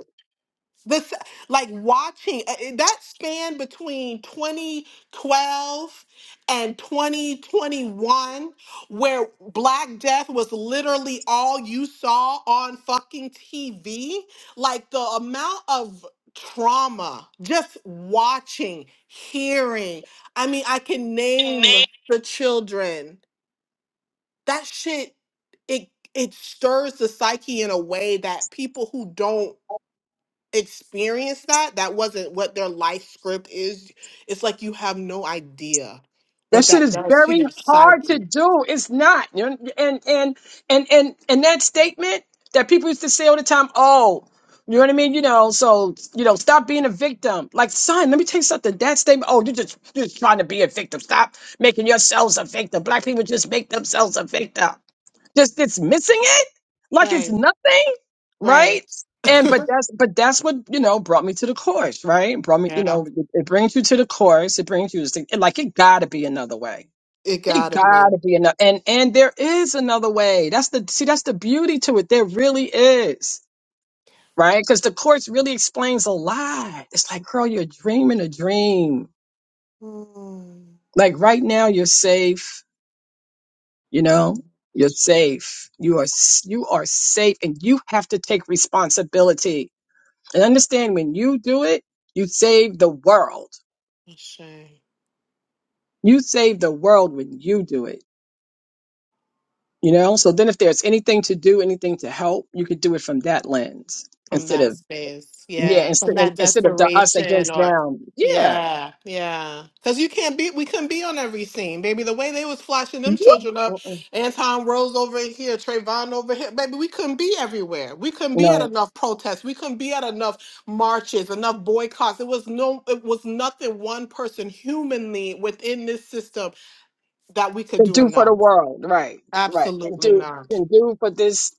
Speaker 4: this like watching uh, uh, that span between 2012 and 2021 where black death was literally all you saw on fucking TV like the amount of trauma just watching hearing i mean i can name the children that shit it it stirs the psyche in a way that people who don't experienced that that wasn't what their life script is it's like you have no idea
Speaker 3: That
Speaker 4: what
Speaker 3: shit
Speaker 4: that
Speaker 3: is
Speaker 4: does to
Speaker 3: very
Speaker 4: your
Speaker 3: hard to
Speaker 4: psyche
Speaker 3: do. It's not. You know, And and and and and that statement that people used to say all the time, oh, you know what I mean? You know, so you know, stop being a victim. Like, son, let me tell you something. That statement, oh, you're just you're just trying to be a victim. Stop making yourselves a victim. Black people just make themselves a victim just it's missing it like it's
Speaker 4: right
Speaker 3: nothing, right?
Speaker 4: right
Speaker 3: And but that's but that's what you know brought me to the course, right? Brought me, you
Speaker 4: yeah
Speaker 3: know, it, it brings you to the course. It brings you to like it gotta be another way.
Speaker 4: it
Speaker 3: It
Speaker 4: gotta be
Speaker 3: gotta be another, and and there is another way. That's the see, that's the beauty to it. There really is, right? Because the course really explains a lot. It's like, girl, you're dreaming a dream.
Speaker 4: mm,
Speaker 3: Like right now, you're safe You know, you're safe. You are s- you are safe, and you have to take responsibility and understand when you do it, you save the world.
Speaker 4: a shame.
Speaker 3: You save the world when you do it. You know, so then if there's anything to do, anything to help, you could do it from that lens
Speaker 4: from
Speaker 3: instead
Speaker 4: that
Speaker 3: of
Speaker 4: space.
Speaker 3: yeah,
Speaker 4: Yeah,
Speaker 3: instead
Speaker 4: from that
Speaker 3: instead of the us
Speaker 4: desperation
Speaker 3: against
Speaker 4: or
Speaker 3: them. Yeah,
Speaker 4: yeah, yeah. Cause you can't be we couldn't be on every scene, baby. The way they was flashing them
Speaker 3: what?
Speaker 4: children up,
Speaker 3: Mm-mm.
Speaker 4: Anton Rose over here, Trayvon over here, baby, we couldn't be everywhere. We couldn't be at
Speaker 3: No,
Speaker 4: enough protests. We couldn't be at enough marches, enough boycotts. It was no it was nothing one person humanly within this system that we could
Speaker 3: and
Speaker 4: do
Speaker 3: do for the
Speaker 4: enough.
Speaker 3: world, right? Right, and
Speaker 4: Absolutely
Speaker 3: do
Speaker 4: not.
Speaker 3: and do for this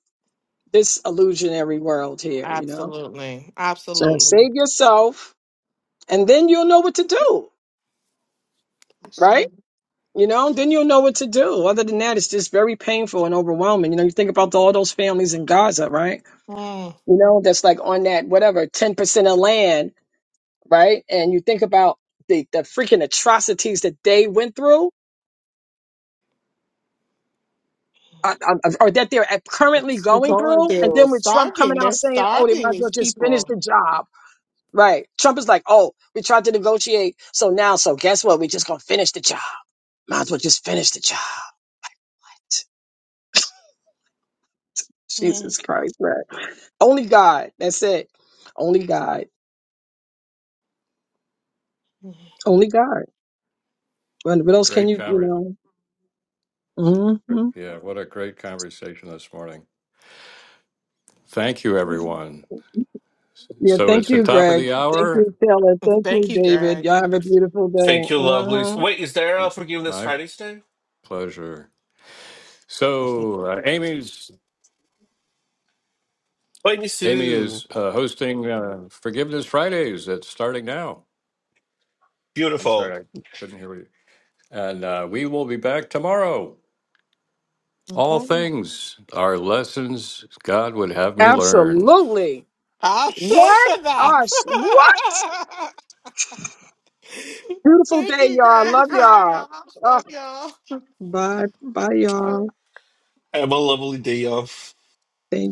Speaker 3: this illusionary world here. You know.
Speaker 4: Absolutely.
Speaker 3: So
Speaker 4: Absolutely.
Speaker 3: save yourself, and then you'll know what to do, right?
Speaker 4: Sure.
Speaker 3: You know, then you'll know what to do. Other than that, it's just very painful and overwhelming. You know, you think about all those families in Gaza, right? You know, that's like on that whatever ten percent of land, right? And you think about the the freaking atrocities that they went through. uh, uh, uh, Or that they're at- currently
Speaker 4: You're
Speaker 3: going
Speaker 4: Going
Speaker 3: through, and
Speaker 4: through
Speaker 3: then with Trump coming
Speaker 4: starving.
Speaker 3: out
Speaker 4: They're
Speaker 3: saying, "Oh, they
Speaker 4: starving
Speaker 3: might as well
Speaker 4: these
Speaker 3: just finish
Speaker 4: people.
Speaker 3: the job," right? Trump is like, "Oh, we tried to negotiate, so now, so guess what? We're just gonna finish the job." Might as well just finish the job.
Speaker 4: Mm.
Speaker 3: Jesus Christ, man. Only God. That's it. Only God. Only God. What, what else can
Speaker 1: great
Speaker 3: you,
Speaker 1: conversation.
Speaker 3: you know? hmm
Speaker 1: Yeah, what a great conversation this morning. Thank you,
Speaker 4: Mm.
Speaker 1: everyone.
Speaker 3: Yeah,
Speaker 1: So
Speaker 3: thank
Speaker 1: it's the
Speaker 3: you,
Speaker 1: top of
Speaker 3: Greg.
Speaker 1: the
Speaker 3: Thank
Speaker 1: hour.
Speaker 3: you, Taylor. Thank
Speaker 4: Thank
Speaker 3: you,
Speaker 4: you,
Speaker 3: David.
Speaker 4: Greg.
Speaker 3: Y'all have a beautiful day.
Speaker 2: Thank you, lovelies.
Speaker 3: hmm
Speaker 2: Wait, is there a Forgiveness
Speaker 1: My
Speaker 2: Friday today?
Speaker 1: pleasure. So uh, Amy's
Speaker 2: Wait, me
Speaker 1: Amy
Speaker 2: too.
Speaker 1: is uh, hosting uh, Forgiveness Fridays. That's starting now. I'm
Speaker 2: Beautiful.
Speaker 1: sorry, I couldn't hear you. And uh, we will be back tomorrow. All
Speaker 4: Okay.
Speaker 1: things are lessons God would have me learn.
Speaker 3: Absolutely.
Speaker 4: I'll say
Speaker 3: What?
Speaker 4: to
Speaker 3: Gosh, what?
Speaker 4: that.
Speaker 3: Beautiful
Speaker 4: Thank
Speaker 3: day,
Speaker 4: you,
Speaker 3: y'all.
Speaker 4: Greg.
Speaker 3: Love
Speaker 4: Bye,
Speaker 3: y'all.
Speaker 4: y'all.
Speaker 3: Ah,
Speaker 4: Love y'all.
Speaker 3: bye. Bye, y'all.
Speaker 2: Have a lovely day, y'all.
Speaker 3: Thank